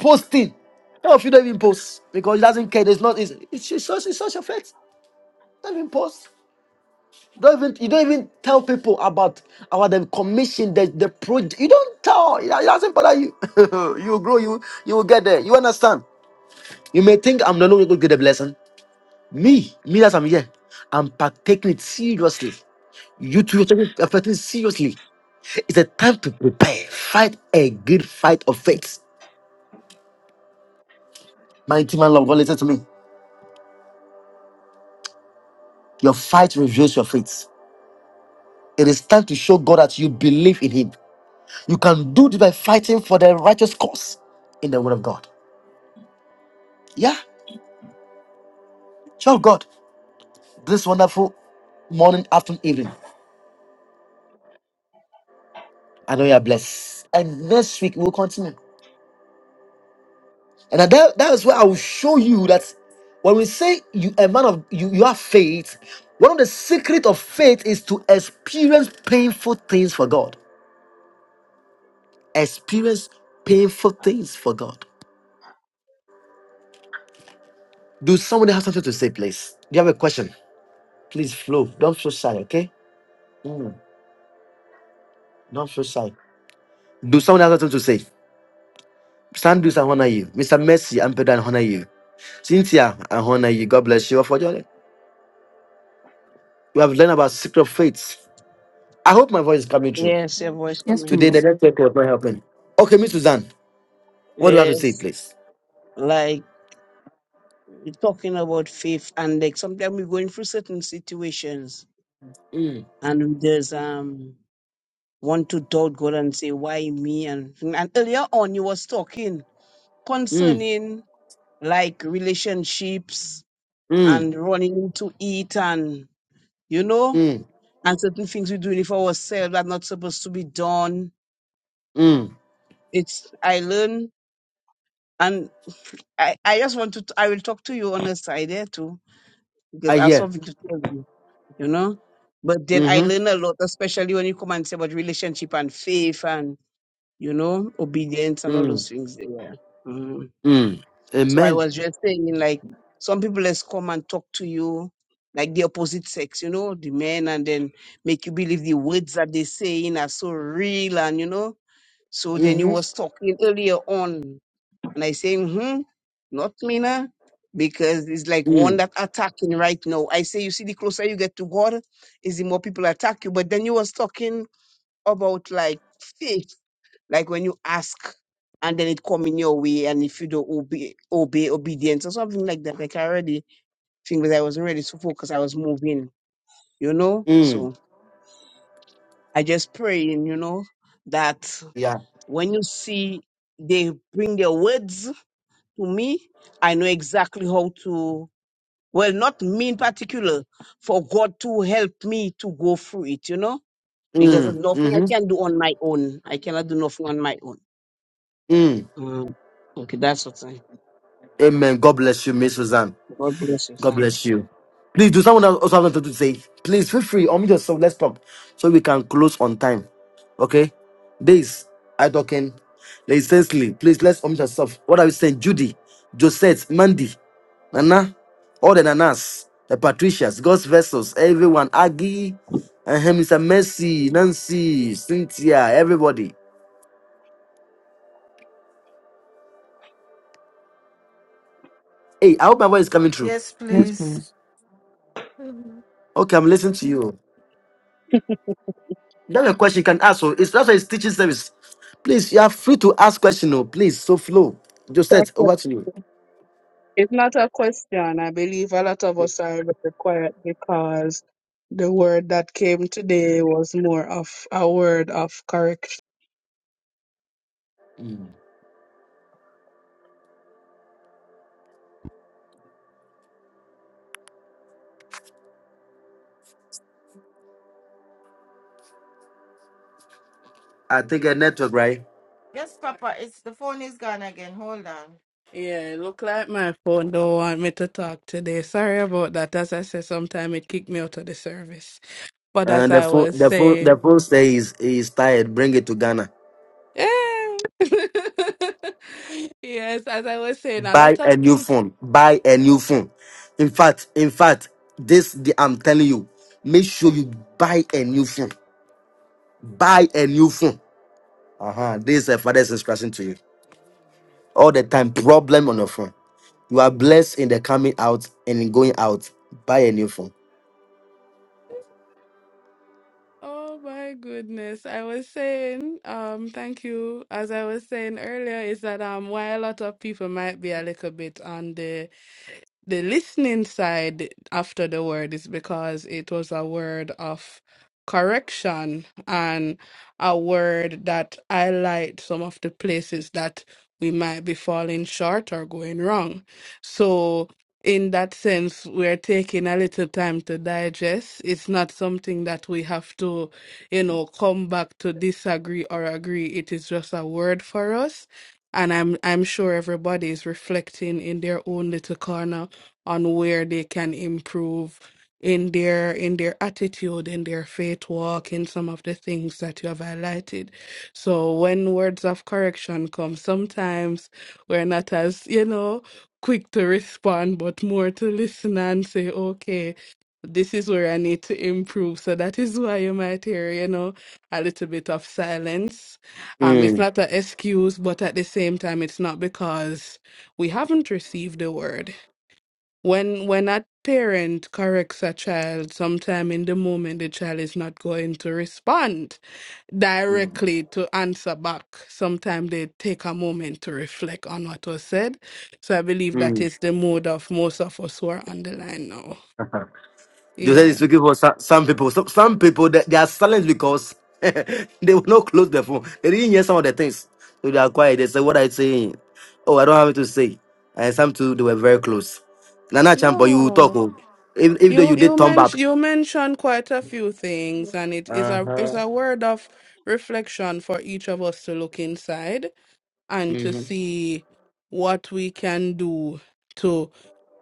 A: posting. Some of you don't even post because it doesn't care, it's not easy. It shows, it shows your faith. Don't even post. You Don't even you don't even tell people about about the commission, the the project. You don't tell. It doesn't bother you. you will grow. You you will get there. You understand? You may think I'm not going to get the blessing. Me, me that I'm here, I'm partaking it seriously. You too, you're taking it seriously. It's a time to prepare. Fight a good fight of faith. My team and love, God, listen to me. Your fight reveals your faith. It is time to show God that you believe in Him. You can do this by fighting for the righteous cause in the Word of God. Yeah. Child of God, this wonderful morning, afternoon, evening. I know you are blessed. And next week we'll continue. And that, that is where I will show you that when we say you a man of you, you have faith, one of the secret of faith is to experience painful things for God. Experience painful things for God. Do somebody have something to say, please? Do you have a question? Please flow. Don't feel shy, okay? Mm, don't feel shy. Do someone have something to say? Stand, do someone honor you. Mr. Mercy, I'm better and honor you. Cynthia and Hona, you God bless you all for joining. We have learned about secret faiths. I hope my voice is coming through.
F: Yes, your voice
L: Yes,
F: coming
A: Today, the
F: from.
L: please.
A: network was not helping. Okay, Miss Suzanne, what do you have to say,
F: Yes.
A: please?
F: Like we're talking about faith and like sometimes we're going through certain situations
A: Mm,
F: and we just um want to doubt God and say, Why me? And and earlier on you was talking
A: mm,
F: concerning like relationships
A: mm,
F: and running to eat and you know
A: mm,
F: and certain things we're doing for ourselves are not supposed to be done
A: mm.
F: it's i learn and i i just want to t- i will talk to you on the side there too because
A: I
F: i have
A: hear.
F: something to tell you you know but then i
A: Mm-hmm.
F: learn a lot especially when you come and say about relationship and faith and you know obedience and all
A: Mm,
F: those things there
A: mm.
F: So I
A: Amen.
F: was just saying, like, some people just come and talk to you, like the opposite sex, you know, the men, and then make you believe the words that they saying are so real, and you know. So then you
A: Mm-hmm.
F: was talking earlier on, and I say, hmm, not me now, because it's like one
A: Mm,
F: that attacking right now. I say, you see, the closer you get to God, is the more people attack you. But then you was talking about like faith like when you ask and then it come in your way and if you don't obey, obey obedience or something like that. Like I already think that I wasn't ready to focus. I was moving, you know?
A: mm.
F: So I just praying, you know, that
A: Yeah.
F: when you see they bring their words to me, I know exactly how to, well, not me in particular, for God to help me to go through it, you know? Because there's
A: Mm,
F: nothing I
A: mm-hmm.
F: can do on my own. I cannot do nothing on my own.
A: Mm.
F: Mm, Okay, that's what I
A: Amen. God bless you, Miss Suzanne.
F: God bless you.
A: God bless
F: Thanks.
A: you. Please, do someone else also have something to say? Please feel free. Unmute yourself. Let's talk so we can close on time. Okay? This, I talking. Ladies, Cecily, please let's unmute yourself. What are we saying? Judy, Josette, Mandy, Nana, all the Nanas, the Patricias, God's vessels, everyone, Aggie, and him, Mr. Mercy, Nancy, Cynthia, everybody. Hey, I hope my voice is coming through.
L: Yes, please.
A: Okay, I'm listening to you. That's a question you can ask. So it's that's why it's teaching service. Please, you are free to ask question. No, please. So flow.
C: It's
A: Josette,
C: a que-
A: over to you.
C: it's not a question. I believe a lot of us are very quiet because the word that came today was more of a word of
A: I take a network, right?
D: Yes, Papa, it's the phone is gone again. Hold on. Yeah, it look like my phone don't want me to talk today. Sorry about that. As I said, sometime it kicked me out of the service. But as
A: And the
D: I
A: phone,
D: was
A: the phone, the
D: saying,
A: phone says is tired. Bring it to Ghana.
D: yeah. yes, as I was saying, a
A: Buy
D: lot
A: a
D: of
A: new
D: people.
A: phone. Buy a new phone. In fact, in fact, this the, I'm telling you. Make sure you buy a new phone. Buy a new phone. Uh huh. This is a father's instruction to you. All the time, problem on your phone. You are blessed in the coming out and in going out. Buy a new phone.
D: Oh my goodness. I was saying, um, thank you. As I was saying earlier, is that um why a lot of people might be a little bit on the the listening side after the word is because it was a word of correction and a word that highlight some of the places that we might be falling short or going wrong. So in that sense, we're taking a little time to digest. It's not something that we have to, you know, come back to disagree or agree. It is just a word for us and I'm I'm sure everybody is reflecting in their own little corner on where they can improve in their in their attitude in their faith walk in some of the things that you have highlighted so when words of correction come sometimes we're not as you know quick to respond but more to listen and say okay this is where i need to improve so that is why you might hear you know a little bit of silence um it's
A: Mm,
D: not an excuse but at the same time it's not because we haven't received the word when when a parent corrects a child, sometime in the moment the child is not going to respond
A: mm,
D: directly to answer back. Sometimes they take a moment to reflect on what was said. So I believe that
A: mm.
D: is the mood of most of us who are on the line now.
A: Joseph is
D: Yeah.
A: speaking for some, some people. Some, some people they, they are silent because they will not close their phone. They didn't hear some of the things, so they are quiet. They say, "What are you saying?" Oh, I don't have it to say. And some two they were very close. Nana Champo, you will talk.
D: No.
A: Oh, if if though
D: You
A: you
D: you
A: did thumb up.
D: mention you mentioned quite a few things and it is
A: Uh
D: a is
A: huh.
D: a word of reflection for each of us to look inside and to
A: Mm-hmm.
D: see what we can do to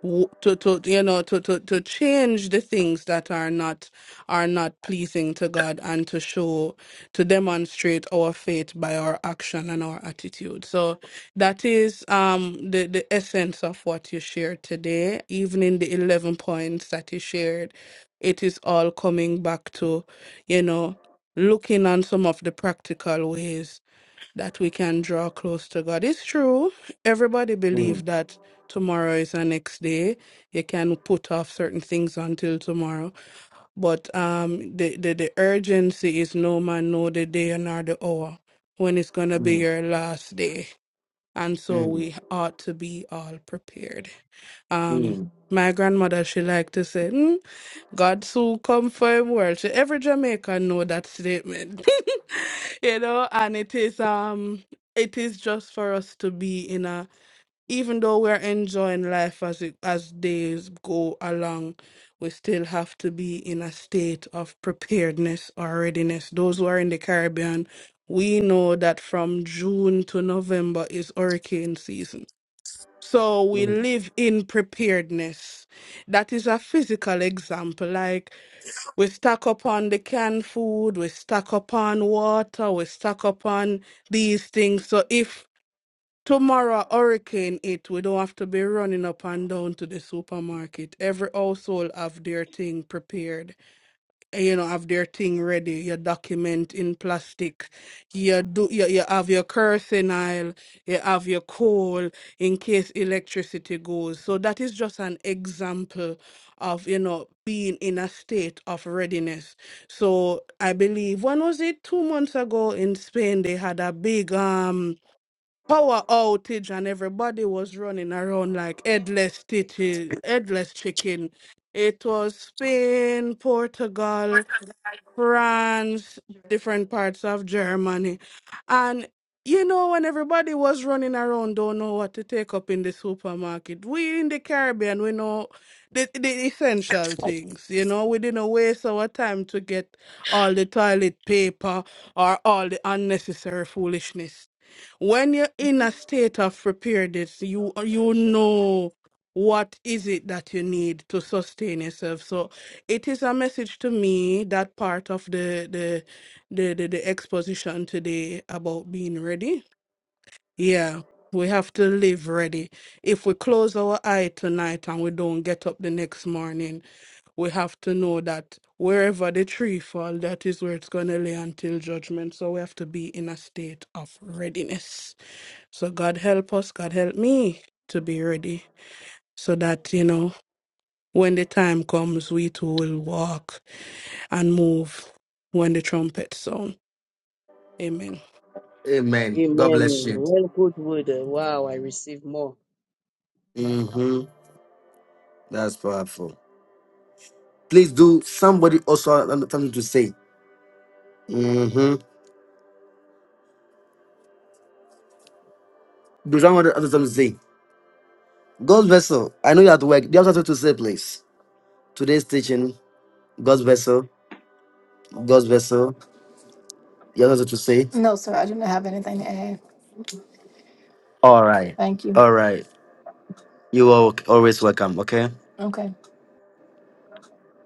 D: w- to to you know to to to change the things that are not are not pleasing to God and to show to demonstrate our faith by our action and our attitude. So that is um the the essence of what you shared today. Even in the 11 points that you shared, it is all coming back to you know looking on some of the practical ways that we can draw close to God. It's true. Everybody
A: Mm,
D: believe that tomorrow is the next day. You can put off certain things until tomorrow. But um the, the, the urgency is no man know the day nor the hour when it's gonna be
A: mm,
D: your last day. And so
A: mm,
D: we ought to be all prepared. Um,
A: mm,
D: my grandmother, she liked to say, mm, God soon come for him world. She, every Jamaican know that statement. you know, and it is um it is just for us to be in a even though we're enjoying life as it as days go along, we still have to be in a state of preparedness or readiness. Those who are in the Caribbean, we know that from June to November is hurricane season so we
A: mm.
D: live in preparedness. That is a physical example. Like we stock up on the canned food, we stock up on water, we stock up on these things. So if tomorrow a hurricane it, we don't have to be running up and down to the supermarket. Every household have their thing prepared you know have their thing ready your document in plastic you do you, you have your kerosene you have your coal in case electricity goes so that is just an example of you know being in a state of readiness so i believe when was it two months ago in spain they had a big um power outage and everybody was running around like headless titty, headless chicken it was spain portugal France, different parts of Germany. And you know, when everybody was running around, don't know what to take up in the supermarket. We in the Caribbean, we know the, the essential things. You know, we didn't waste our time to get all the toilet paper or all the unnecessary foolishness. When you're in a state of preparedness, you you know what is it that you need to sustain yourself. So it is a message to me that part of the the the the, the exposition today about being ready yeah we have to live ready if we close our eye tonight and we don't get up the next morning we have to know that wherever the tree fall that is where it's going to lay until judgment so we have to be in a state of readiness so god help us god help me to be ready so that you know when the time comes we too will walk and move when the trumpet sound. Amen.
A: Amen. God
F: Amen.
A: bless you.
F: Well, good word. eh, Wow, I receive more.
A: Mm-hmm. That's powerful. Please do somebody also have something to say. Deuteronomy 1:17. God's vessel. I know you're at work. Do You have something to say, please. Today's teaching, God's vessel, God's vessel. You have something to say?
K: No, sir, I do not have anything to add.
A: All right.
K: Thank you.
A: All right. You are always welcome, okay?
K: Okay.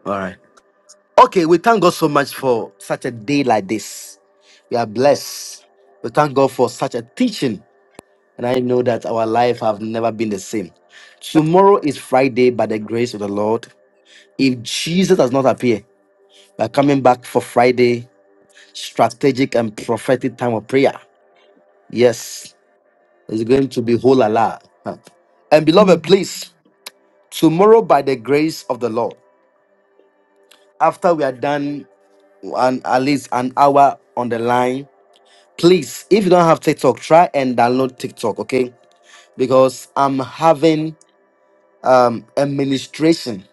A: All right. Okay, we thank God so much for such a day like this. We are blessed. We thank God for such a teaching. And I know that our life have never been the same. Tomorrow is Friday by the grace of the Lord. If Jesus does not appear, we are coming back for Friday strategic and prophetic time of prayer. Yes, it's going to be whole Allah. Huh. And beloved,
L: Um.
A: please, tomorrow by the grace of the Lord, after we are done an, at least an hour on the line, please, if you don't have TikTok, try and download TikTok, okay? Because I'm having um a ministration,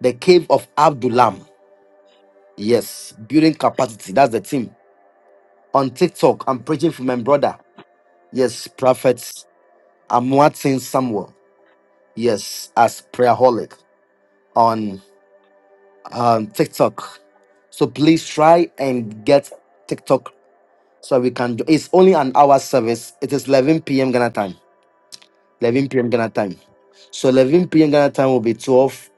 A: the cave of Abdullam. Yes, building capacity. That's the team. On TikTok, I'm preaching for my brother. Yes, prophets. I'm watching Samuel. yes, as Prayerholic on um, TikTok. So please try and get TikTok so we can do. It's only an hour service. It is 11 p.m. Ghana time. 11 p.m. Ghana time. So 11 p.m. Ghana time will be 12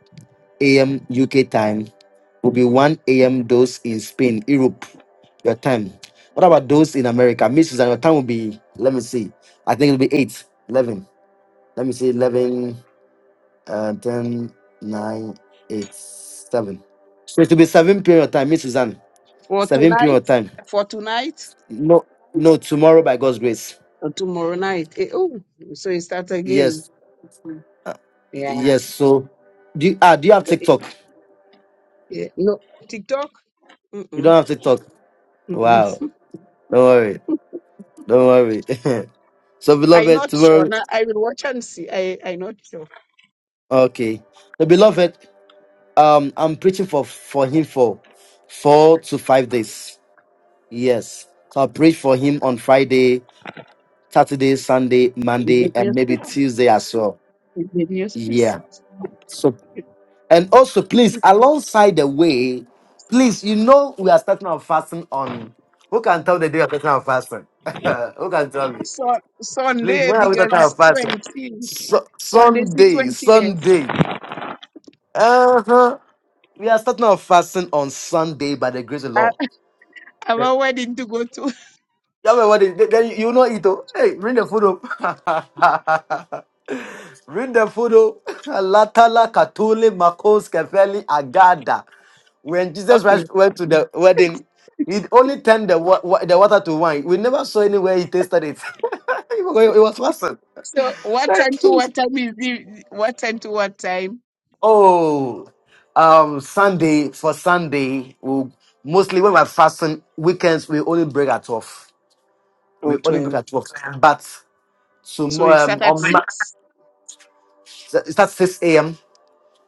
A: a.m. UK time. Will be 1 a.m. those in Spain, Europe, your time. What about those in America? Miss Susan, your time will be. Let me see. I think it'll be eight, 11. Let me see, 11. Uh, 10, nine, eight, seven. So it will be 7 period of time, Miss Suzanne.
F: For
A: 7 period
F: tonight,
A: of time.
F: for tonight,
A: No, no, tomorrow by God's grace.
F: and tomorrow night. Eh, oh, so it starts again.
A: Yes,
F: Yeah.
A: yes. So, do you, ah, do you have
F: The-
A: TikTok?
F: eh, No, TikTok?
A: You
F: Mm-mm,
A: don't have TikTok.
F: mm-mm.
A: Wow. Don't worry. Don't worry. so,
F: I'm
A: beloved,
F: not sure.
A: tomorrow.
F: Now, I will watch and see. I, I'm not sure.
A: Okay. The beloved, um, I'm preaching for for him for four to five days. Yes. So I preach for him on Friday Saturday, Sunday,
F: Is
A: Monday,
F: it new
A: and maybe
F: space?
A: Tuesday as well.
F: Is it new space?
A: Yeah. So, and also, please, alongside the way, please, you know, we are starting our fasting on. Who can tell the day of starting our fasting? Who can tell me?
F: So,
A: Please,
F: Sunday,
A: when are we
F: because
A: starting our
F: it's
A: fasting?
F: 20.
A: Su-
F: Sunday, is
A: Sunday,
F: 20 years.
A: Sunday. Uh huh. We are starting our fasting on Sunday by the grace of the Lord.
F: I have a wedding to go to.
A: That my wedding. Then then you know it. oh. Hey, bring the food up. bring the food up. Latala Katuli Makos Kefeli Agada. When Jesus
F: Okay.
A: Christ went to the wedding, he only turned the, wa- wa- the water to wine. We never saw anywhere he tasted it. it was awesome.
F: So what time to what time is it? what time to what time?
A: Oh, um, Sunday for Sunday, we'll, mostly when we're fasting, weekends we only break at 12.
F: Oh,
A: We only
F: 12.
A: break at 12. But So
F: So it
A: um,
F: starts at
A: on ma-
F: 6
A: it starts six a.m.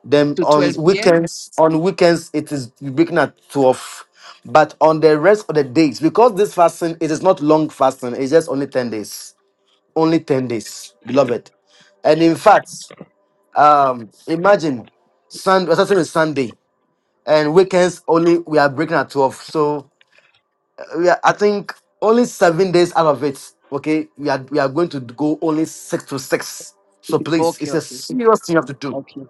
A: Then
F: to
A: on
F: 12 p.m.
A: weekends, on weekends it is breaking at twelve. But on the rest of the days, because this fasting it is not long fasting, it's just only ten days. Only ten days, beloved. And in fact, um, imagine Sun we're starting with Sunday, and weekends only we are breaking at twelve. So uh, we are, I think only seven days out of it. Okay, we are we are going to go only six to six. So please,
F: Okay,
A: it's a
F: okay,
A: serious thing you have to do.
F: okay.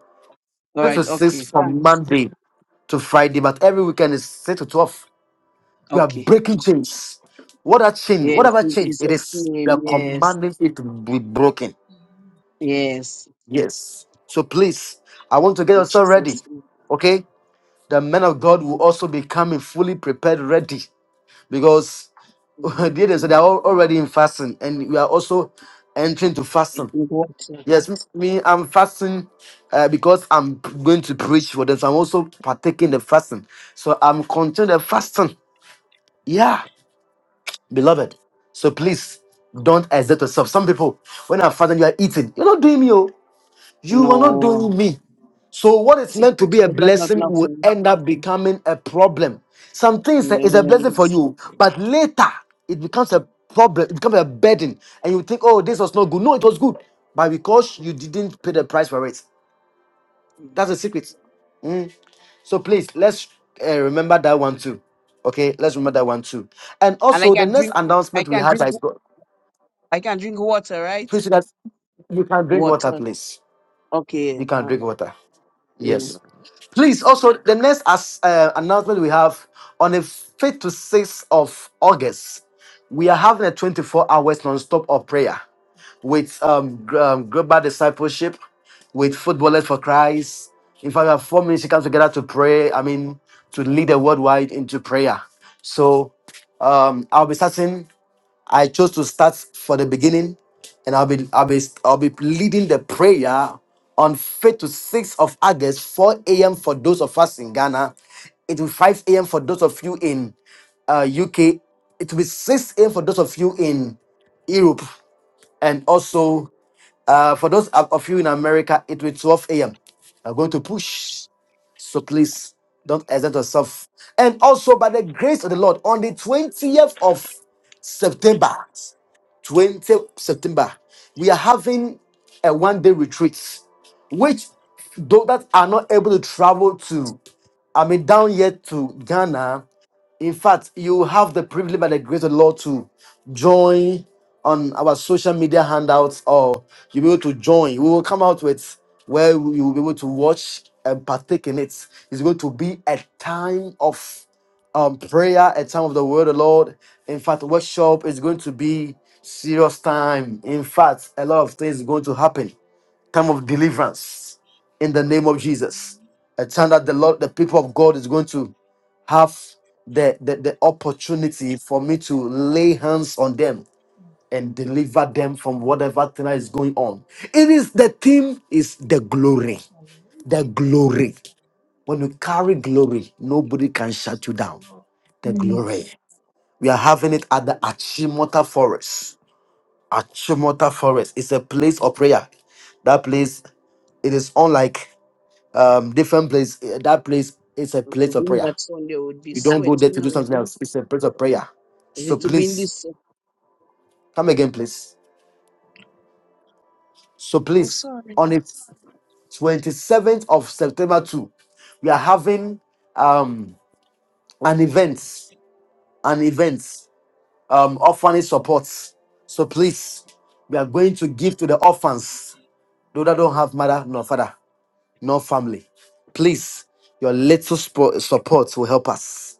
F: All
A: 6 to
F: right,
A: 6
F: okay,
A: from
F: thanks.
A: Monday to Friday, but every weekend is 6 to 12. We are
F: Okay.
A: breaking chains. What a chain,
F: Yes,
A: whatever
F: in
A: chain it
F: Jesus'
A: is, we are
F: name, yes,
A: commanding it to be broken.
F: yes.
A: Yes. So please, I want to get
F: In
A: yourself ready.
F: Jesus' name.
A: Okay? The men of God will also be coming fully prepared, ready. Because they they
F: Mm.
A: they are al- already in fasting, and we are also entering to fasting.
F: Drink water.
A: Yes, m- me, I'm fasting uh, because I'm p- going to preach for them. So I'm also partaking the fasting. So I'm continuing the fasting. Yeah, beloved. So please don't exert yourself. Some people, when I'm fasting, you are eating. You're not doing me, oh. You are not
F: No.
A: doing me. So what is
F: See,
A: meant to
F: put
A: be a
F: but not
A: blessing will
F: nothing.
A: end up becoming a problem. Some things is a blessing for
F: Yes.
A: you, but later it becomes a problem, it becomes a burden, and you think, oh, this was not good. No, it was good, but because you
F: Mm.
A: didn't pay the price for it. That's a secret. Mm. So please, let's uh, remember that one too. Okay, let's remember that one too. And
F: And I
A: also, the
F: can
A: next
F: drink, I
A: announcement we
F: can
A: had
F: drink,
A: by God,
F: I can drink water, right?
A: please, you guys, you can drink water,
F: Water.
A: please.
F: Okay,
A: You
F: all
A: can drink
F: right.
A: water.
F: Yeah.
A: Yes. Please, also, the next as, uh, announcement we have on the 5th to 6th of August, we are having a 24 hours non stop of prayer. with um, gr- um global discipleship, with footballers for Christ. In fact, we have four ministry comes together to pray. I mean, to lead the worldwide into prayer. So um, I'll be starting. I chose to start for the beginning, and I'll be I'll be I'll be leading the prayer on fifth to 6th of August, 4 a.m. for those of us in Ghana. It will be 5 a.m. for those of you in uh, UK. It will be 6 a.m. for those of you in Europe and also uh, for those of of you in America, it will be 12 a.m. I'm going to push. So please don't exempt yourself. And also, by the grace of the Lord, on the 20th of September, 20th September, we are having a one day retreat, which those that are not able to travel to, I mean, down yet to Ghana. In fact, you have the privilege by the grace of the Lord to join on our social media handouts, or you'll be able to join. We will come out with where you will be able to watch and partake in it. It's going to be a time of um prayer a time of the word of the lord in fact workshop is going to be serious time in fact a lot of things going to happen time of deliverance in the name of jesus a time that the lord the people of god is going to have the the, the opportunity for me to lay hands on them and deliver them from whatever thing that is going on it is the theme is the glory the glory when you carry glory, nobody can shut you down. The glory. We are having it at the Achimota Forest. Achimota Forest is a place of prayer. That place, it is unlike um, different place. Eh, That place is a
F: To
A: place
F: be
A: of
F: in
A: prayer.
F: that sun, they would be
A: You don't go there
F: sweating
A: to do
F: away.
A: something
F: man.
A: else. It's a place of prayer.
F: Is
A: So
F: it to be in
A: please,
F: this? sun?
A: come again, please. So
F: Oh,
A: please,
F: sorry.
A: on the 27th of September 2, we are having um, an event. An event. um, orphanage supports. So please, we are going to give to the orphans, those that don't have mother, nor father, nor family. Please, your little spo- support will help us.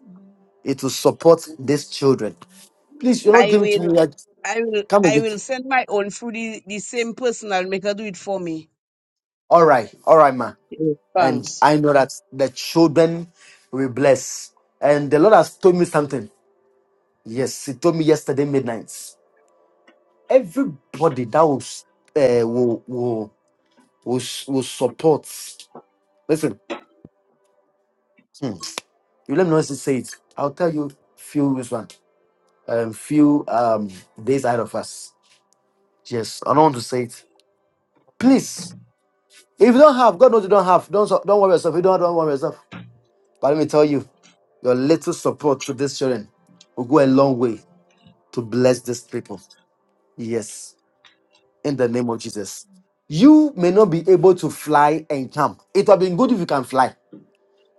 A: It will support these children. Please, you're not
F: I
A: giving to me.
F: will,
A: Like,
F: I will,
A: come and
F: I will
A: get.
F: send my own through the, the same person. I'll make her do it for me.
A: All right, all right, ma.
F: Yeah,
A: And
F: Thanks.
A: I know that the children will bless. And the Lord has told me something. Yes, He told me yesterday midnight. Everybody that will, s- uh, will, will, will, s- will support. Listen, hmm, you let me know if you say it. I'll tell you few this one, um, few um days ahead of us. Yes, I don't want to say it. Please, if you don't have, God knows you don't have. Don't so- don't worry yourself. You don't don't worry yourself. But let me tell you, your little support to this children will go a long way to bless these people. Yes, in the name of Jesus. You may not be able to fly and come. It would have been good if you can fly.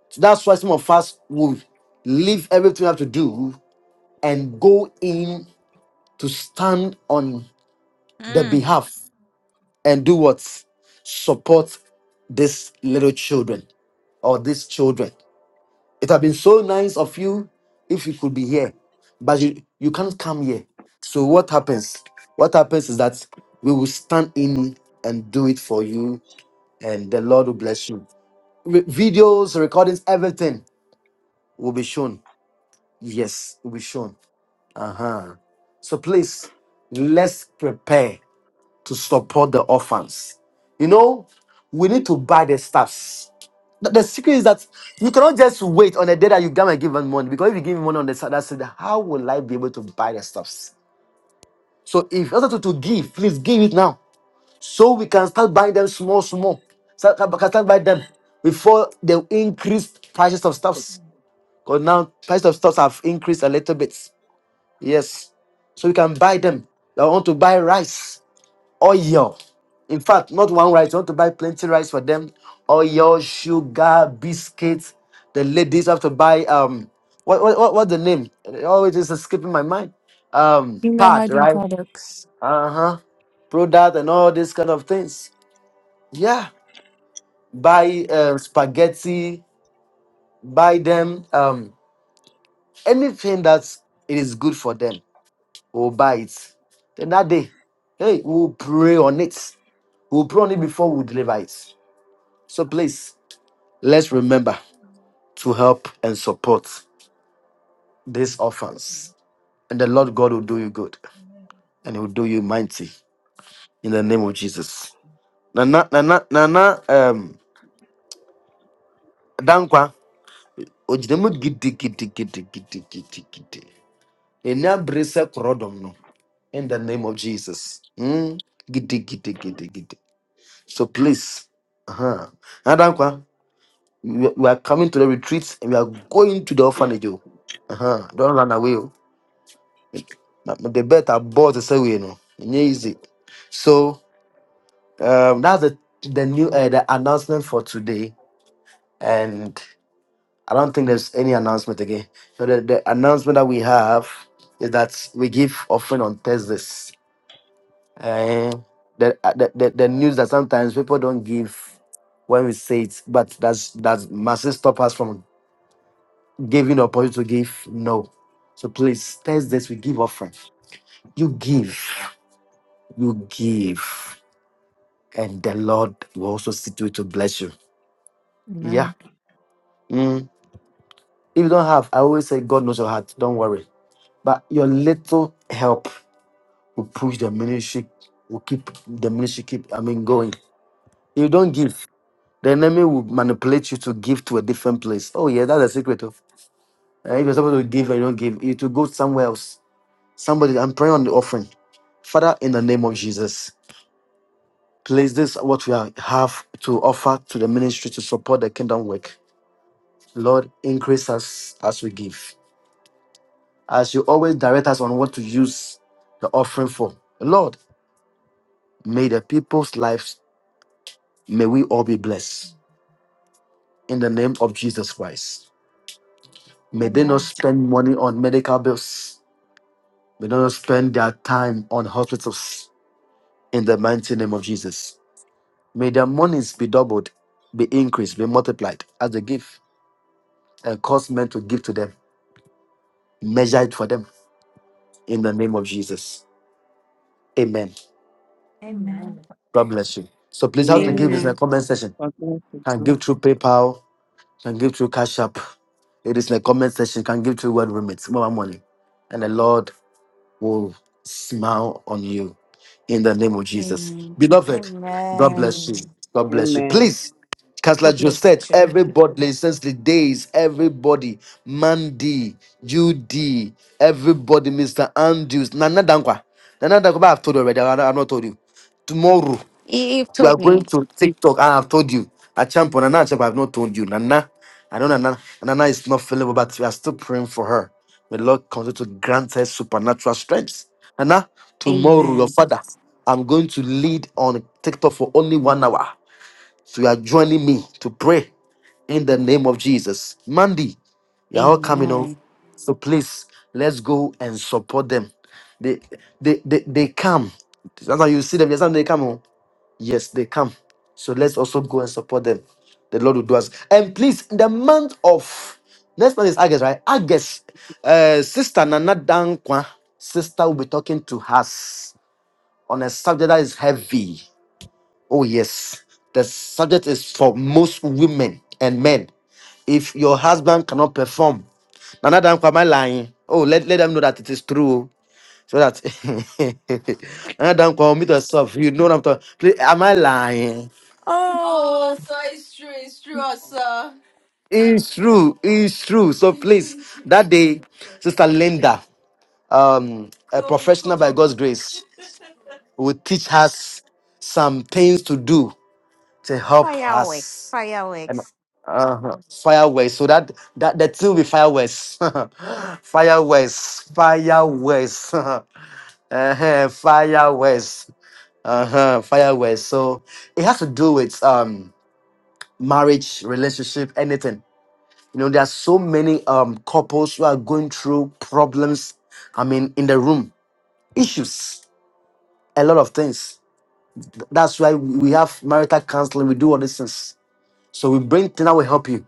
A: So that's why some of us would leave everything you have to do and go
B: mm,
A: in to stand on the
B: Amen.
A: behalf and do what? Support these little children or these children. It have been so nice of you if you could be here, but you, you can't come here. So what happens? What happens is that we will stand in and do it for you, and the Lord will bless you. Re- videos, recordings, everything will be shown. Yes, will be shown. Uh-huh. So please, let's prepare. to support the orphans. You know, we need to buy the stuffs. The, the secret is that you cannot just wait on the day that you come and give them money because if you give me money on the Saturday, Sunday, how will I be able to buy the stuffs? So if you want to, to give, please give it now so we can start buying them small, small. So can can start buying them before they increase prices of stuffs. Because now prices of stuffs have increased a little bit. Yes, so we can buy them. I want to buy rice oil. In fact, not one rice. You want to buy plenty rice for them. Oil, sugar, biscuits. The ladies have to buy um what what what, what the name? It always is escaping my mind. Um
L: Female
A: pad,
L: hygiene
A: right?
L: products.
A: Uh-huh. Product and all these kind of things. Yeah. Buy uh, spaghetti, buy them um anything that it is good for them. We'll buy it. Then that day, hey, we'll pray on it. We'll pray on it before we deliver it. So please. Let's remember to help and support these orphans. And the Lord God will do you good and he will do you mighty in the name of Jesus. Nana, Nana, Nana, um, Dankwa, Ojidemu gidi, gidi, gidi, gidi, gidi, gidi. Enya brese korodom no, In the name of Jesus. Mm. Gidi, gidi, gidi, gidi. So please, uh-huh. Nadankwa, we we are coming to the retreats and we are going to the orphanage. oh. Uh-huh. Don't run away. oh. But the bet I bought is away, you know. It ain't easy. So um, that's the the new uh, the announcement for today, and I don't think there's any announcement again. So the, the announcement that we have is that we give offering on Thursdays. Uh, the, uh, the the the news that sometimes people don't give when we say it, but that's that mustn't stop us from giving the opportunity to give. No, so please Thursdays we give offering. You give, you give. and the Lord will also sit to it to bless you. Yeah.
L: Amen.
A: Mm. If you don't have, I always say God knows your heart. Don't worry. But your little help will push the ministry, will keep the ministry keep, I mean, going. If you don't give, the enemy will manipulate you to give to a different place. Oh, yeah, that's the secret of uh, if you're supposed to give and you don't give, you to go somewhere else. Somebody, I'm praying on the offering. Father, in the name of Jesus, place this what we are- have to offer to the ministry to support the kingdom work. Lord, increase us as we give. As you always direct us on what to use the offering for. Lord, may the people's lives, may we all be blessed. In the name of Jesus Christ. May they not
B: Amen.
A: spend money on medical bills. May they not spend their time on hospitals. In the mighty name of Jesus. May their monies be doubled, be increased, be multiplied as they give and cause men to give to them. Measure it for them. In the name of Jesus. Amen.
L: Amen.
A: God bless you. So please, how to
F: Amen.
A: give is in the
H: Amen.
A: comment section.
F: God bless you,
A: Can
F: sir.
A: give through PayPal, can give through Cash App. It is in the comment section. Can give through Word Remits, more money. And the Lord will smile on you in the name of Jesus.
H: Amen.
A: Beloved, God
H: Amen.
A: bless you.
B: Amen.
A: God bless you.
F: Amen.
A: Please, Counselor
H: God bless you
A: Josette,
H: too.
A: everybody, since the days, everybody, Mandy, Judy, everybody, Mr. Andrews, Nana Dankwa. Nana Dankwa, but I've told you already. I- I've not told you. Tomorrow.
H: He he
A: We are
H: told me.
A: going to TikTok. Ah, I've told you. I champ on Nana Achebe, I've not told you. Nana, I know Nana. Nana is not feeling well, but we are still praying for her. May the Lord continue to grant her supernatural strength. Nana, tomorrow, your
H: Amen.
A: father, I'm going to lead on TikTok for only one hour. So you are joining me to pray in the name of Jesus. Mandy, you're all coming on.
H: Amen.
A: So please, let's go and support them. They they they, they come. Sometimes you see them, yes, sometimes they come. Yes, they come. So let's also go and support them. The Lord will do us. And please, in the month of next month is August, right? August, uh, Sister Nana Dankwa, sister will be talking to us on a subject that is heavy. Oh, yes. The subject is for most women and men. If your husband cannot perform, Nana Dankwa, am I lying? Oh, let, let them know that it is true. So that Nana Dankwa, meet yourself. You know what I'm talking. Please, am I lying?
H: Oh, so it's true, it's true, also.
A: It's true. It's true. So please, that day, Sister Linda, um, a
H: Cool,
A: professional by
H: cool.
A: God's grace, will teach us some things to do to help
H: Fireworks.
A: us. And
H: Fireworks.
A: uh, fireworks. So that that that thing will be fireworks. fireworks. Fireworks. uh-huh, fireworks. Uh-huh. Fireworks. So it has to do with um marriage, relationship, anything. You know, there are so many um couples who are going through problems. I mean, in the room, issues, a lot of things. Th- That's why we we have marital counseling. We do all these things. So we bring things that will help you.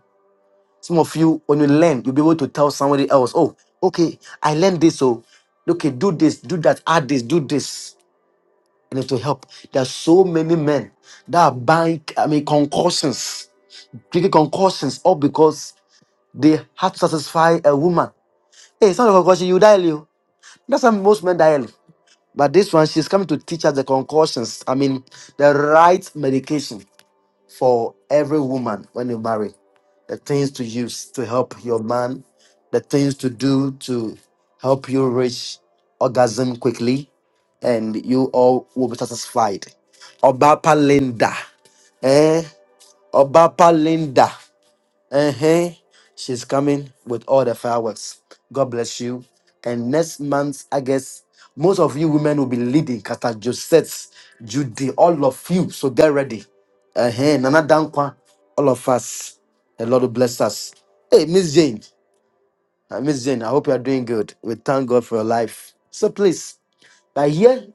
A: Some of you, when you learn, you'll be able to tell somebody else, oh, okay, I learned this. So, okay, do this, do that, add this, do this. And it will help. There are so many men that are buying, I mean, concussions, drinking concussions, all because they had to satisfy a woman. Hey, it's not a concussion, you die, Leo. That's how most men die early. But this one, she's coming to teach us the concoctions. I mean, the right medication for every woman when you marry. The things to use to help your man, the things to do to help you reach orgasm quickly, and you all will be satisfied. Obapa Linda. Eh? Obapa Linda. Uh huh. She's coming with all the fireworks. God bless you. And next month, I guess most of you women will be leading Kata Josette, Judy, all of you. So get ready. Uh huh. Nana Dankwa, all of us. The Lord will bless us. Hey, Miss Jane. Uh, Miss Jane, I hope you are doing good. We thank God for your life. So please, we are here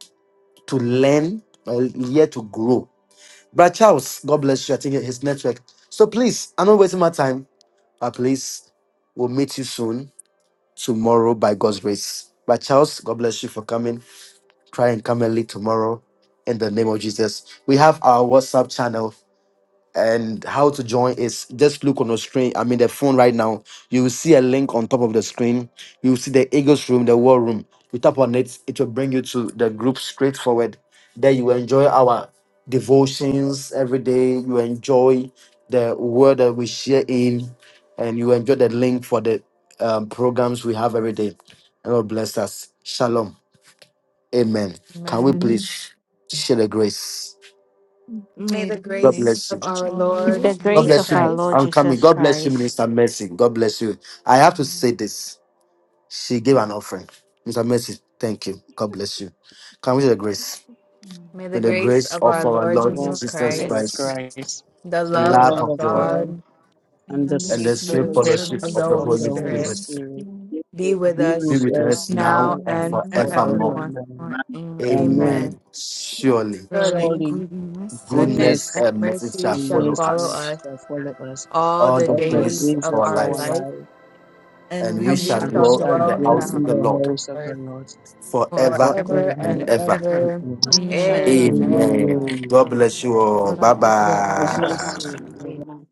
A: to learn, we are here to grow. Brad Charles, God bless you. I think his network. So please, I'm not wasting my time. At least we'll meet you soon tomorrow by God's grace. But Charles, God bless you for coming. Try and come early tomorrow in the name of Jesus. We have our WhatsApp channel and how to join is just look on the screen. I mean, the phone right now. You will see a link on top of the screen. You will see the Eagles room, the War Room. You tap on it, it will bring you to the group straightforward. There you will enjoy our devotions every day. You enjoy the word that we share in, and you enjoy the link for the um, programs we have every day. And God bless us. Shalom. Amen. Can we
B: Amen.
L: Amen.
A: please share the grace?
L: And
B: May the
A: God
B: grace
A: bless
B: of
A: you.
B: our
H: With
B: Lord
H: the
A: God
H: grace
B: Jesus
A: bless
H: of our
A: you.
B: Christ,
H: Lord
A: I'm coming.
H: Jesus
A: God bless you,
H: Christ.
A: Minister Mercy. God bless you. I have to say this. She gave an offering. Mr. Mercy, thank you. God bless you. Come with the grace.
B: may the
A: May the
B: grace
A: grace
B: of
A: of
B: our
A: our
B: Lord
A: Lord
F: Lord
B: Jesus
A: Jesus
H: the-
B: Christ,
F: Jesus
A: Christ,
F: Christ,
B: the
A: the
F: the
B: love
A: love
F: love
B: of
A: of
F: of
A: God,
F: God,
B: God, and
F: and
B: the
F: the
B: sweet
A: and
F: sweet
A: the
L: this
A: sweet
L: food,
B: fellowship
F: fellowship
A: fellowship
B: of the
A: of the
F: of
B: Holy
L: everything
F: the
A: Holy
F: Holy
B: Spirit
A: Spirit
L: around you,
F: Spirit
N: Yes,
B: be with
F: be
A: be
B: us
F: with
A: with
F: us
E: Now,
A: us
L: you,
A: now
B: now
F: now
A: and
L: you,
F: and
B: and
L: and for
N: yes,
A: forevermore.
B: forevermore.
F: forevermore.
L: everyone,
N: my
F: Amen.
B: Amen.
A: Amen.
N: God.
A: Surely,
B: Surely,
F: Surely
B: goodness
A: goodness
F: goodness
B: and
A: and mercy
B: mercy
A: shall
F: and
B: shall
A: follow
B: follow
F: mercy
A: us
B: us
F: shall follow us
B: all
A: all
B: the
A: the
F: all the
B: days
A: days of
F: days
B: of
F: of
A: our
B: our
F: our
A: lives,
B: life,
F: life,
A: and we
B: and
A: shall
B: we
L: you,
F: and we
B: shall
A: dwell
L: and
F: shall
A: in the
B: dwell in
F: dwell
B: the
A: house of
F: in
A: the
B: house
F: the
B: of
A: Lord
B: the
F: house of the
B: Lord
F: Lord
A: forever
B: forever
A: and
B: and
F: forever
A: ever.
F: and
B: ever.
F: ever.
H: and we
L: for
H: shall dwell in
L: everyone,
H: the
B: Amen.
A: Amen.
H: power
F: Amen.
A: God
H: of the
A: bless you
H: Lord
A: all.
H: forever
A: Bye
H: and
B: Bless
H: ever
B: you
H: in
F: God
B: all.
H: Jesus'
F: bless
A: bye.
H: mighty
F: you.
H: name. Amen.